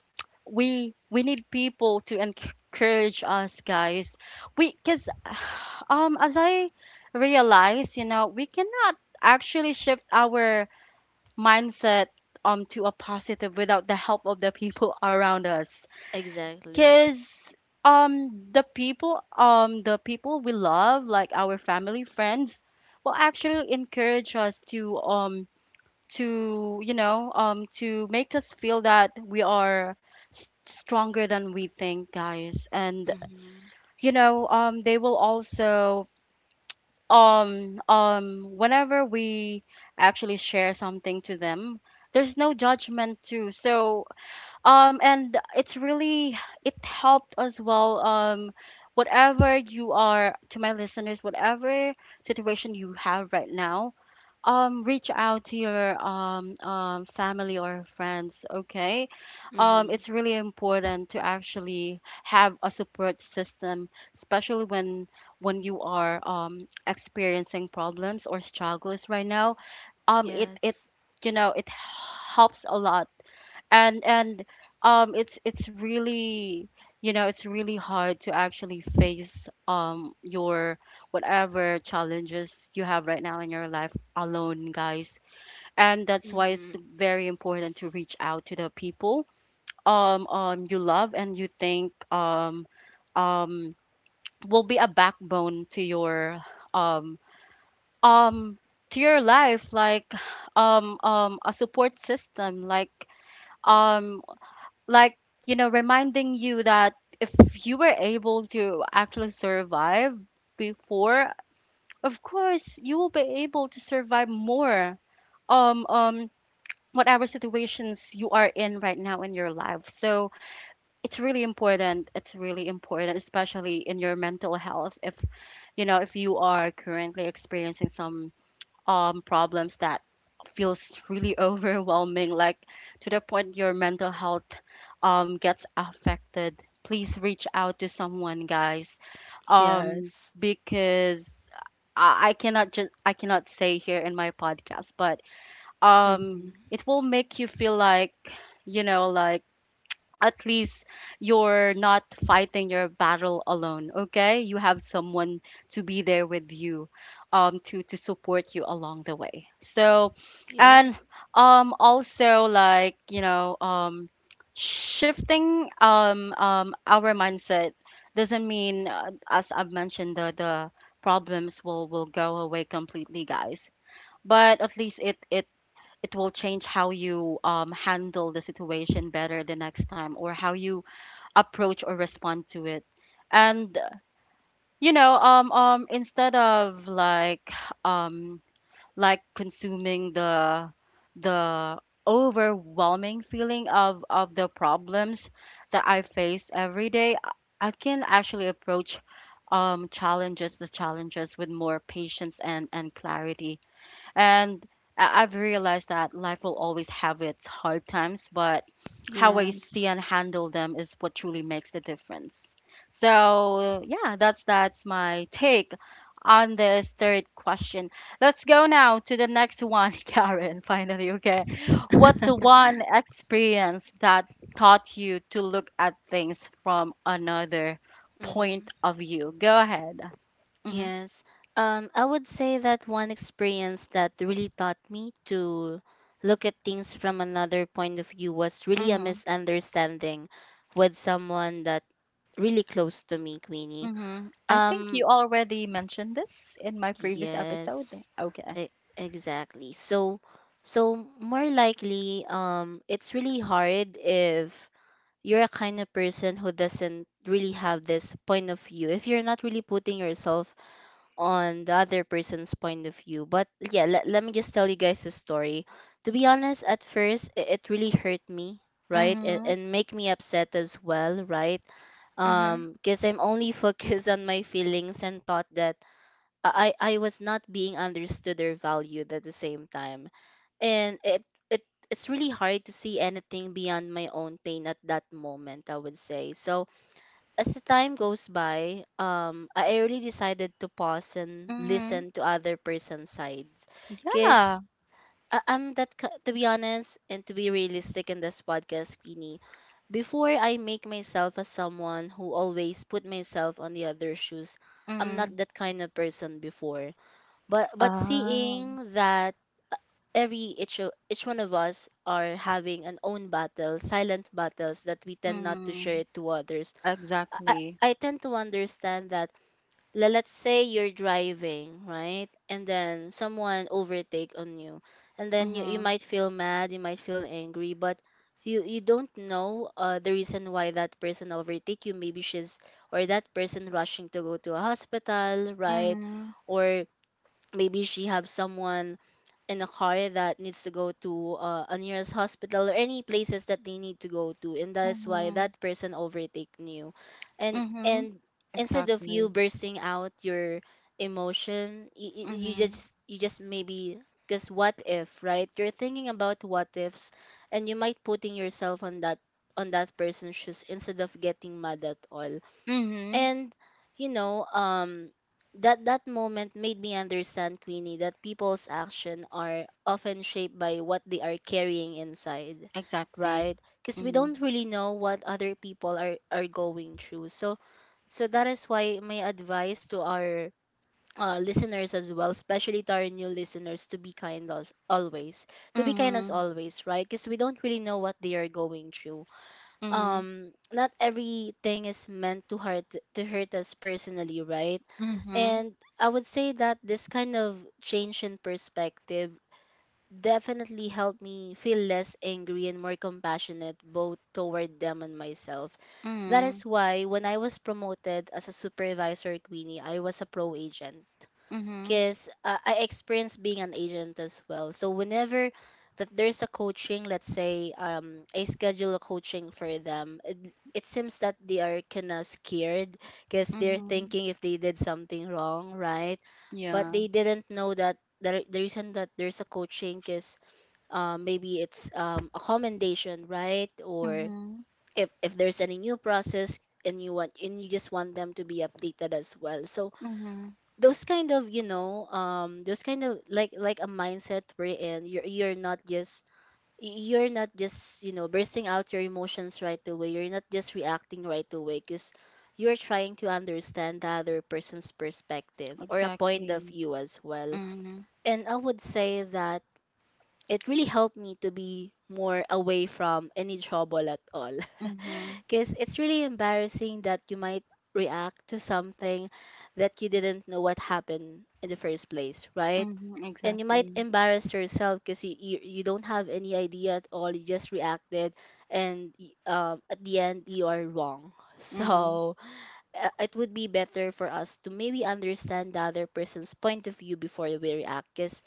Speaker 1: we need people to encourage us, guys. We Because as I realize, you know, we cannot actually shift our mindset to a positive without the help of the people around us.
Speaker 2: Exactly.
Speaker 1: Because the people we love, like our family, friends, will actually encourage us to to make us feel that we are stronger than we think, guys. And
Speaker 2: Mm-hmm.
Speaker 1: they will also whenever we actually share something to them, there's no judgment too. So and it helped as well. Whatever you are, to my listeners, whatever situation you have right now, reach out to your family or friends, okay?
Speaker 2: Mm-hmm.
Speaker 1: It's really important to actually have a support system, especially when you are experiencing problems or struggles right now. It it
Speaker 2: Yes.
Speaker 1: you know It helps a lot. And it's really you know it's really hard to actually face your, whatever challenges you have right now in your life alone, guys. And that's why
Speaker 2: Mm-hmm.
Speaker 1: it's very important to reach out to the people you love and you think um will be a backbone to your um um to your life, like a support system, um like reminding you that if you were able to actually survive before, of course you will be able to survive more um um whatever situations you are in right now in your life. So it's really important, it's really important, especially in your mental health, if you are currently experiencing some problems that feels really overwhelming, like, to the point your mental health gets affected, please reach out to someone, guys. Um,
Speaker 2: Yes.
Speaker 1: because I cannot just I cannot say here in my podcast, but
Speaker 2: Mm-hmm.
Speaker 1: it will make you feel like at least you're not fighting your battle alone, okay? You have someone to be there with you, to support you along the way. So
Speaker 2: Yeah.
Speaker 1: and also, like, shifting our mindset doesn't mean, as I've mentioned, the problems will go away completely, guys. But at least it will change how you, handle the situation better the next time, or how you approach or respond to it. And instead of, like, um consuming the overwhelming feeling of the problems that I face every day, I can actually approach challenges the challenges with more patience and clarity. And I've realized that life will always have its hard times, but how I see and
Speaker 2: Yes.
Speaker 1: handle them is what truly makes the difference. So yeah, that's my take on this third question. Let's go now to the next one, Karen, finally, okay. What's the one experience that taught you to look at things from another point
Speaker 2: Hmm.
Speaker 1: of view? Go ahead. Mm-hmm.
Speaker 2: Yes. I would say that one experience that really taught me to look at things from another point of view was really a
Speaker 1: Mm-hmm.
Speaker 2: misunderstanding with someone that really close to me, Queenie.
Speaker 1: Mhm. I think
Speaker 2: Um,
Speaker 1: you already mentioned this in my previous episode.
Speaker 2: yes,
Speaker 1: Okay.
Speaker 2: e- exactly. So, so more likely, it's really hard if you're a kind of person who doesn't really have this point of view. If you're not really putting yourself on the other person's point of view. But yeah, let me just tell you guys a story. To be honest, at first it really hurt me, right?
Speaker 1: Mhm.
Speaker 2: And make me upset as well, right?
Speaker 1: Mhm.
Speaker 2: Because I'm only focused on my feelings and thought that I was not being understood or valued at the same time. And it it's really hard to see anything beyond my own pain at that moment, I would say. So as the time goes by, I really decided to pause and
Speaker 1: Mhm.
Speaker 2: listen to other person's sides. Cause
Speaker 1: Yeah.
Speaker 2: I'm that to be honest and to be realistic in this podcast, Queenie. Before I make myself as someone who always put myself on the other shoes, I'm
Speaker 1: Mhm.
Speaker 2: not that kind of person before. But
Speaker 1: Ah.
Speaker 2: seeing that every each each one of us are having an own battle, silent battles that we tend not to share
Speaker 1: Mhm.
Speaker 2: it to others, I,
Speaker 1: Exactly.
Speaker 2: I tend to understand that let's say you're driving, right, and then someone overtake on you, and then you
Speaker 1: Mhm.
Speaker 2: might feel mad, you might feel angry, but you don't know the reason why that person overtake you. Maybe she's or that person rushing to go to a hospital, right?
Speaker 1: Mhm.
Speaker 2: Or maybe she have someone in a car that needs to go to a nearest hospital or any places that they need to go to, and that's why
Speaker 1: Mhm.
Speaker 2: that person overtake you. And
Speaker 1: Mhm.
Speaker 2: instead of you
Speaker 1: Exactly.
Speaker 2: bursting out your emotion, you
Speaker 1: Mhm.
Speaker 2: just maybe, because what if, right, you're thinking about what ifs, and you might putting yourself on that person's shoes instead of getting mad at all.
Speaker 1: Mhm.
Speaker 2: And you know, that that moment made me understand, Queenie, that people's action are often shaped by what they are carrying inside,
Speaker 1: Exactly.
Speaker 2: right? Because we
Speaker 1: Mhm.
Speaker 2: don't really know what other people are going through. So so that is why my advice to our listeners as well, especially to our new listeners, to be kind as always. To be kind as
Speaker 1: Mhm.
Speaker 2: always, right? Because we don't really know what they are going through.
Speaker 1: Mhm.
Speaker 2: um Not everything is meant to hurt us personally, right?
Speaker 1: Mhm.
Speaker 2: And I would say that this kind of change in perspective definitely helped me feel less angry and more compassionate, both toward them and myself. That is
Speaker 1: Mhm.
Speaker 2: why when I was promoted as a supervisor, at Queenie I was a pro agent,
Speaker 1: Mhm.
Speaker 2: because I experienced being an agent as well. So whenever that there's a coaching, let's say I schedule a coaching for them, it seems that they are kind of scared because they're
Speaker 1: Mhm.
Speaker 2: thinking if they did something wrong, right? But
Speaker 1: Yeah.
Speaker 2: they didn't know that the reason that there's a coaching is maybe it's a commendation, right? Or
Speaker 1: Mhm.
Speaker 2: if there's any new process and you just want them to be updated as well. So
Speaker 1: Mhm.
Speaker 2: those kind of you know those kind of like a mindset wherein you're not just you're not just you know bursting out your emotions right away, you're not just reacting right away, because you're trying to understand the other person's perspective or a point of
Speaker 1: Exactly.
Speaker 2: view as well.
Speaker 1: Mhm.
Speaker 2: And I would say that it really helped me to be more away from any trouble at all.
Speaker 1: Mhm.
Speaker 2: Because it's really embarrassing that you might react to something that you didn't know what happened in the first place, right?
Speaker 1: Mhm.
Speaker 2: And you might
Speaker 1: exactly.
Speaker 2: embarrass yourself because you don't have any idea at all. You just reacted, and at the end, you are wrong.
Speaker 1: Mhm.
Speaker 2: So it would be better for us to maybe understand the other person's point of view before we react. 'Cause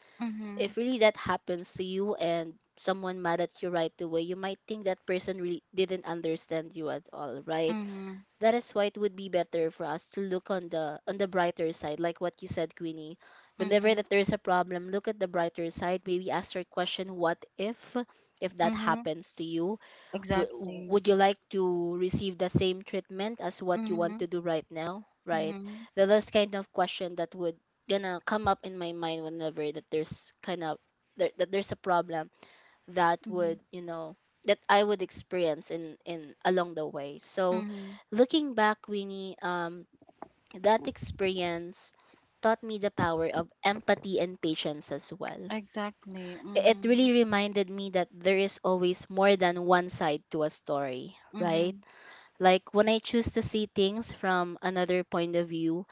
Speaker 2: if
Speaker 1: Mhm.
Speaker 2: really that happens to you and someone mad at you right away, you might think that person really didn't understand you at all, right?
Speaker 1: Mhm.
Speaker 2: That is why it would be better for us to look on the brighter side, like what you said, Queenie. Whenever
Speaker 1: Mhm.
Speaker 2: that there is a problem, look at the brighter side. Maybe ask your question, what if that
Speaker 1: Mhm.
Speaker 2: happens to you? W-
Speaker 1: Exactly.
Speaker 2: would you like to receive the same treatment as what you want
Speaker 1: Mhm.
Speaker 2: to do right now, right?
Speaker 1: Mhm.
Speaker 2: The last kind of question that would gonna come up in my mind whenever that there's kind of that there's a problem that
Speaker 1: Mhm.
Speaker 2: would you know that I would experience in along the way. So
Speaker 1: Mhm.
Speaker 2: looking back, Winnie, that experience taught me the power of empathy and patience as well.
Speaker 1: Exactly.
Speaker 2: It
Speaker 1: Mhm.
Speaker 2: really reminded me that there is always more than one side to a story, right?
Speaker 1: Mhm.
Speaker 2: Like when I choose to see things from another point of view,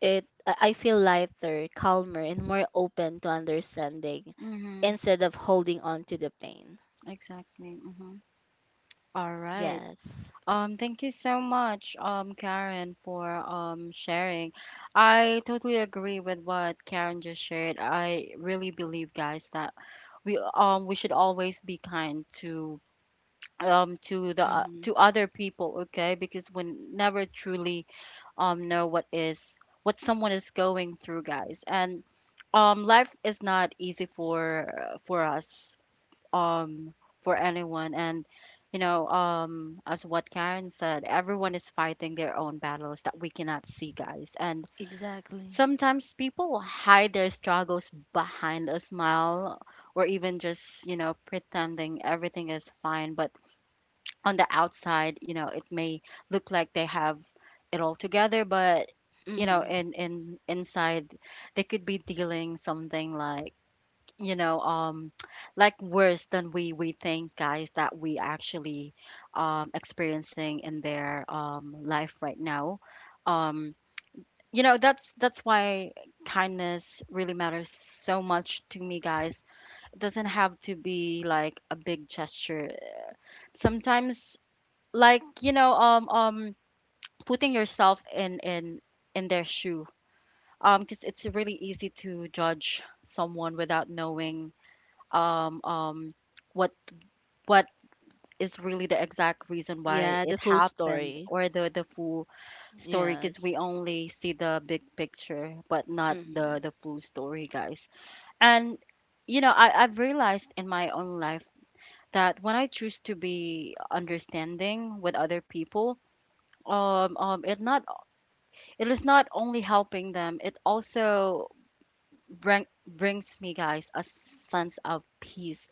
Speaker 2: it I feel lighter, calmer, and more open to understanding
Speaker 1: Mhm.
Speaker 2: instead of holding on to the pain.
Speaker 1: Exactly. Mhm. All right.
Speaker 2: Yes.
Speaker 1: Thank you so much, Karen, for sharing. I totally agree with what Karen just shared. I really believe, guys, that we should always be kind to the to
Speaker 2: Mm-hmm.
Speaker 1: other people, okay, because we never truly know what someone is going through, guys, and life is not easy for us, um for anyone. And as what Karen said, everyone is fighting their own battles that we cannot see, guys. And
Speaker 2: Exactly.
Speaker 1: sometimes people hide their struggles behind a smile, or even just pretending everything is fine. But on the outside, you know, it may look like they have it all together, but you know,
Speaker 2: Mm-hmm.
Speaker 1: in inside, they could be dealing something like you know, um, like worse than we think, guys, that we actually experiencing in their life right now. Um, you know, that's why kindness really matters so much to me, guys. It doesn't have to be like a big gesture. Sometimes, like putting yourself in their shoe, because it's really easy to judge someone without knowing um um what what is really the exact reason why
Speaker 2: Yeah,
Speaker 1: it
Speaker 2: the full
Speaker 1: happened,
Speaker 2: story.
Speaker 1: or the full story, because
Speaker 2: Yes.
Speaker 1: we only see the big picture but not
Speaker 2: Mm-hmm.
Speaker 1: the full story, guys. And I've realized in my own life that when I choose to be understanding with other people, um, um it not It is not only helping them, it also brings me, guys, a sense of peace.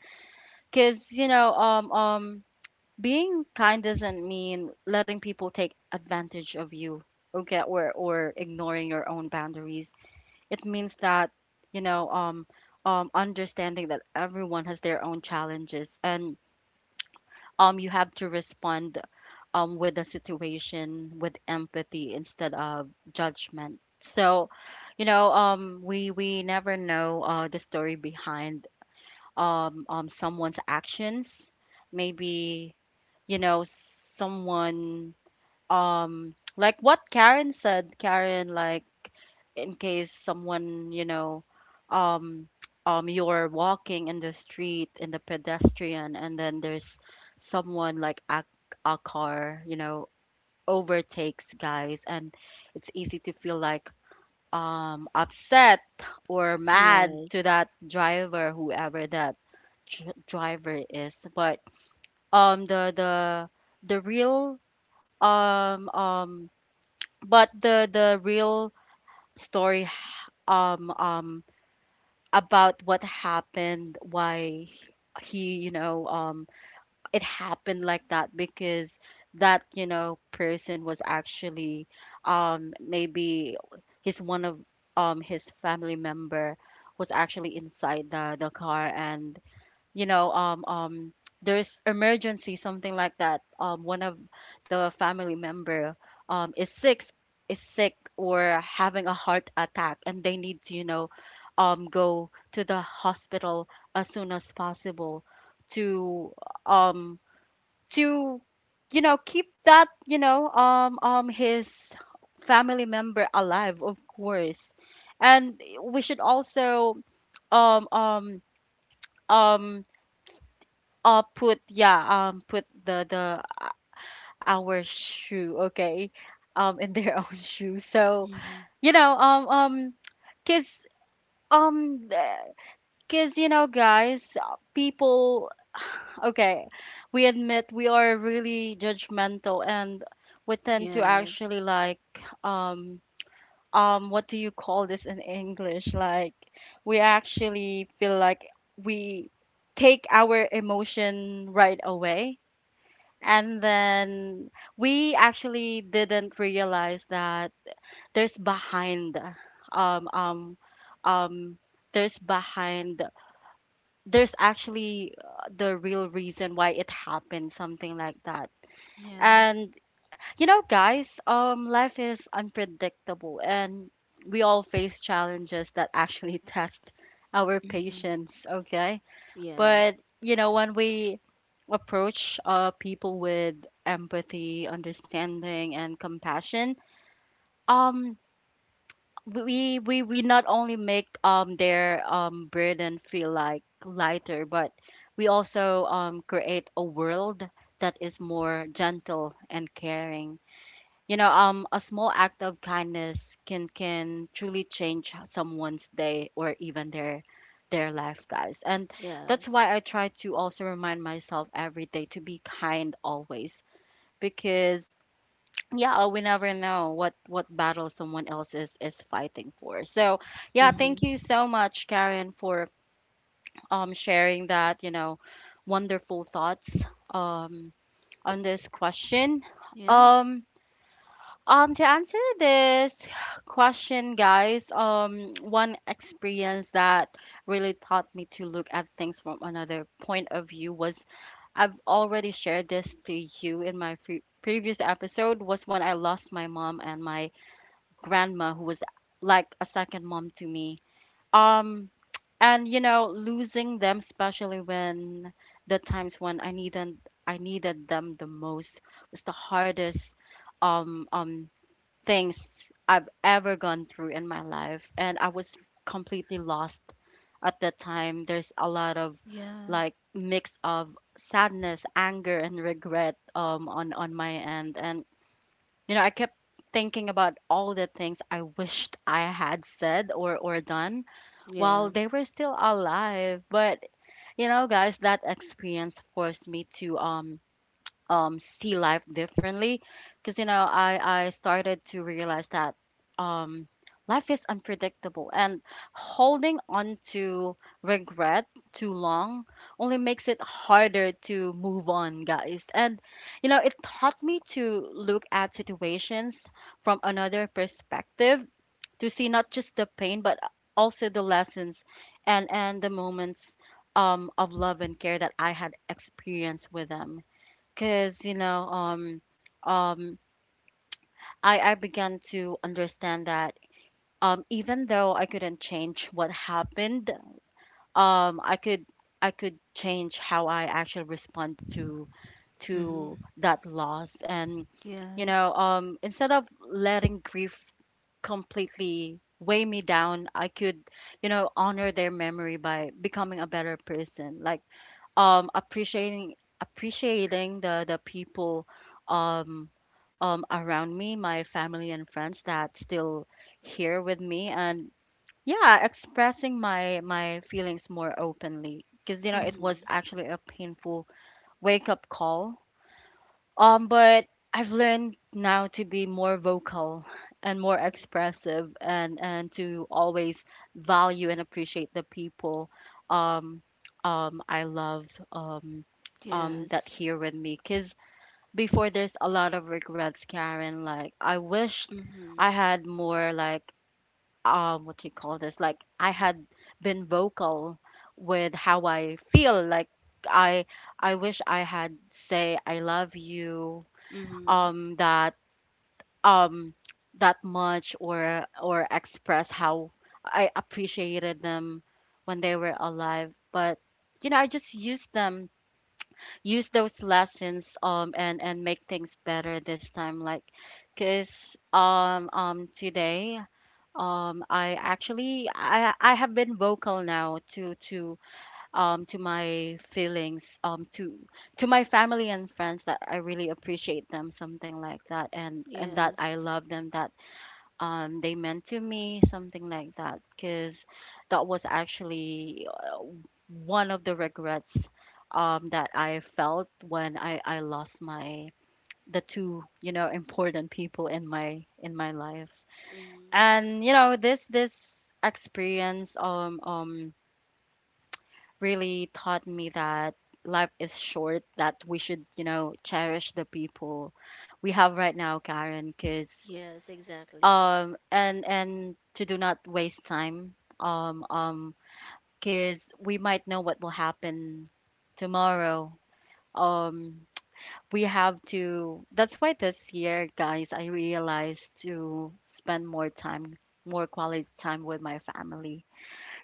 Speaker 1: Cuz being kind doesn't mean letting people take advantage of you, okay, or ignoring your own boundaries. It means that you know um understanding that everyone has their own challenges, and you have to respond, with the situation, with empathy instead of judgment. So, we never know, the story behind someone's actions. Maybe, you know, someone, like what Karen said. Karen, like, in case someone, you know, um, you're walking in the street, in the pedestrian, and then there's someone like a car, you know, overtakes, guys. And it's easy to feel like upset or mad to
Speaker 2: Yes.
Speaker 1: that driver, whoever that driver is. But um the the the real um um but the real story, um um about what happened, why he, you know, it happened like that, because that, you know, person was actually, maybe his one of his family member was actually inside the car. And you know, there's emergency, something like that. One of the family member is sick, is sick, or having a heart attack, and they need to, you know, go to the hospital as soon as possible, to um to, you know, keep that, you know, his family member alive, of course. And we should also um um um put, yeah, put the our shoe, okay, in their own shoe. So
Speaker 2: Mm-hmm.
Speaker 1: you know, cuz um cuz you know, guys, people, okay, we admit we are really judgmental, and we tend to
Speaker 2: Yes.
Speaker 1: actually like um what do you call this in English? Like we actually feel like we take our emotion right away, and then we actually didn't realize that there's behind um um um there's behind, there's actually, the real reason why it happened, something like that.
Speaker 2: Yeah.
Speaker 1: And you know, guys, life is unpredictable, and we all face challenges that actually test our
Speaker 2: Mm-hmm.
Speaker 1: patience. Okay,
Speaker 2: Yes.
Speaker 1: but you know, when we approach people with empathy, understanding, and compassion, um, we we not only make their burden feel like lighter, but we also create a world that is more gentle and caring. You know, a small act of kindness can truly change someone's day, or even their life, guys. And that's why
Speaker 2: Yes.
Speaker 1: I try to also remind myself every day to be kind always, because yeah, we never know what battle someone else is fighting for. So yeah,
Speaker 2: Mm-hmm.
Speaker 1: thank you so much, Karen, for sharing that, you know, wonderful thoughts um on this question.
Speaker 2: Yes.
Speaker 1: um to answer this question, guys, one experience that really taught me to look at things from another point of view was, I've already shared this to you in my previous episode, was when I lost my mom and my grandma, who was like a second mom to me. Um, and you know, losing them, especially when the times when I needed them the most, was the hardest um um things I've ever gone through in my life, and I was completely lost at that time. There's a lot of
Speaker 2: Yeah.
Speaker 1: like mix of sadness, anger, and regret, on my end. And you know, I kept thinking about all the things I wished I had said, or done
Speaker 2: Yeah.
Speaker 1: while they were still alive. But you know, guys, that experience forced me to see life differently. Because you know, I started to realize that um life is unpredictable, and holding on to regret too long only makes it harder to move on, guys. And you know, it taught me to look at situations from another perspective, to see not just the pain but also the lessons, and the moments, of love and care that I had experienced with them. Because, you know, um, I began to understand that even though I couldn't change what happened, um, I could I could change how I actually respond to
Speaker 2: Mm-hmm.
Speaker 1: that loss. And, you
Speaker 2: Yes.
Speaker 1: know, instead of letting grief completely weigh me down, I could, you know, honor their memory by becoming a better person. Like appreciating, the people um around me, my family and friends, that still here with me. And yeah, expressing my feelings more openly, because you know, it
Speaker 2: Mm-hmm.
Speaker 1: was actually a painful wake up call. But I've learned now to be more vocal and more expressive, and to always value and appreciate the people um I love, um that
Speaker 2: Yes.
Speaker 1: here with me. Cuz before there's a lot of regrets, Karen, like I wished
Speaker 2: Mm-hmm.
Speaker 1: I had more, like what do you call this, like I had been vocal with how I feel. Like I I wish I had say I love you
Speaker 2: Mm-hmm.
Speaker 1: that, um that much, or express how I appreciated them when they were alive. But you know, I just use those lessons and make things better this time. Like, cause today, I actually I have been vocal now to to my feelings, to my family and friends, that I really appreciate them, something like that, and that I
Speaker 2: Yes.
Speaker 1: love them, that they meant to me, something like that. Because that was actually, one of the regrets that I felt when I lost my, the two, you know, important people in my life.
Speaker 2: Mm-hmm.
Speaker 1: And you know, this experience really taught me that life is short, that we should, you know, cherish the people we have right now, Karen. Because
Speaker 2: Yes, exactly.
Speaker 1: and to do not waste time, because we might know what will happen tomorrow. Um we have to, that's why this year, guys, I realized to spend more time, more quality time with my family.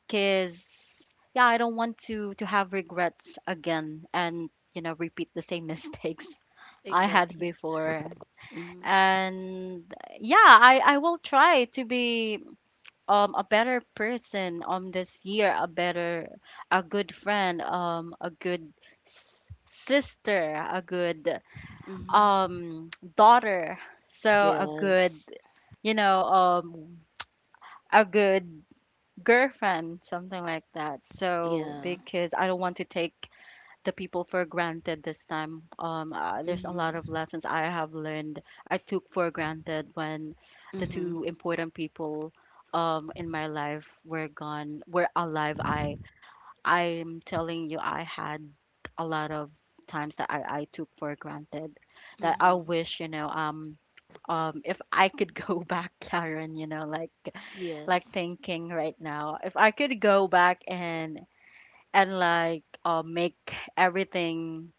Speaker 1: Because yeah, I don't want to have regrets again, and you know, repeat the same mistakes I had
Speaker 2: Exactly.
Speaker 1: before.
Speaker 2: Mm-hmm.
Speaker 1: And yeah, I will try to be a better person, this year, a good friend, a good sister, a good
Speaker 2: Mm-hmm.
Speaker 1: um daughter, so a
Speaker 2: Yes.
Speaker 1: good, you know, a good girlfriend, something like that. So
Speaker 2: Yeah.
Speaker 1: because I don't want to take the people for granted this time. There's a lot of
Speaker 2: Mm-hmm.
Speaker 1: lessons I have learned. I took for granted when the
Speaker 2: Mm-hmm.
Speaker 1: two important people in my life were were alive. I, I'm telling you, I had a lot of times that I took for granted, that I
Speaker 2: Mm-hmm.
Speaker 1: wish, you know, if I could go back, Karen, you know, like
Speaker 2: Yes.
Speaker 1: thinking right now, if I could go back and like make everything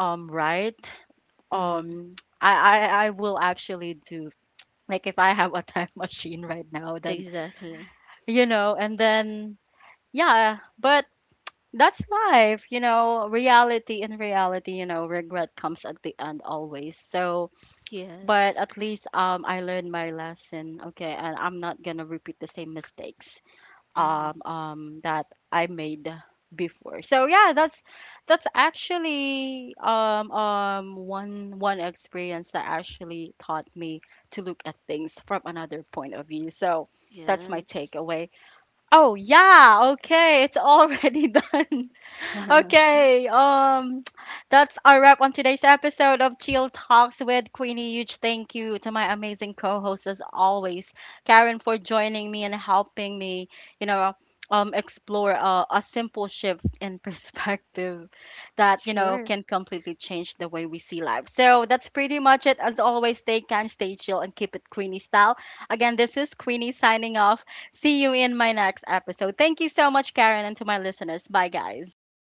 Speaker 1: right.
Speaker 2: Mm-hmm.
Speaker 1: um I will actually do, like if I have a time machine right now, then
Speaker 2: Exactly.
Speaker 1: you know, and then yeah. But that's life, you know, reality, you know, regret comes at the end always. So but
Speaker 2: Yes.
Speaker 1: at least I learned my lesson, okay, and I'm not gonna repeat the same mistakes
Speaker 2: Mm-hmm.
Speaker 1: that I made before. So yeah, that's actually one experience that actually taught me to look at things from another point of view. So that's my
Speaker 2: Yes.
Speaker 1: takeaway. Oh yeah, okay, it's already done. Okay, that's our wrap on today's episode of Chill Talks with Queenie. Huge thank you to my amazing co-host, as always, Karen, for joining me and helping me, you know, explore a simple shift in perspective that you know
Speaker 2: Sure.
Speaker 1: can completely change the way we see life. So that's pretty much it. As always, stay kind, stay chill, and keep it Queenie style. Again, this is Queenie signing off. See you in my next episode. Thank you so much, Karen, and to my listeners. Bye, guys.
Speaker 2: Bye.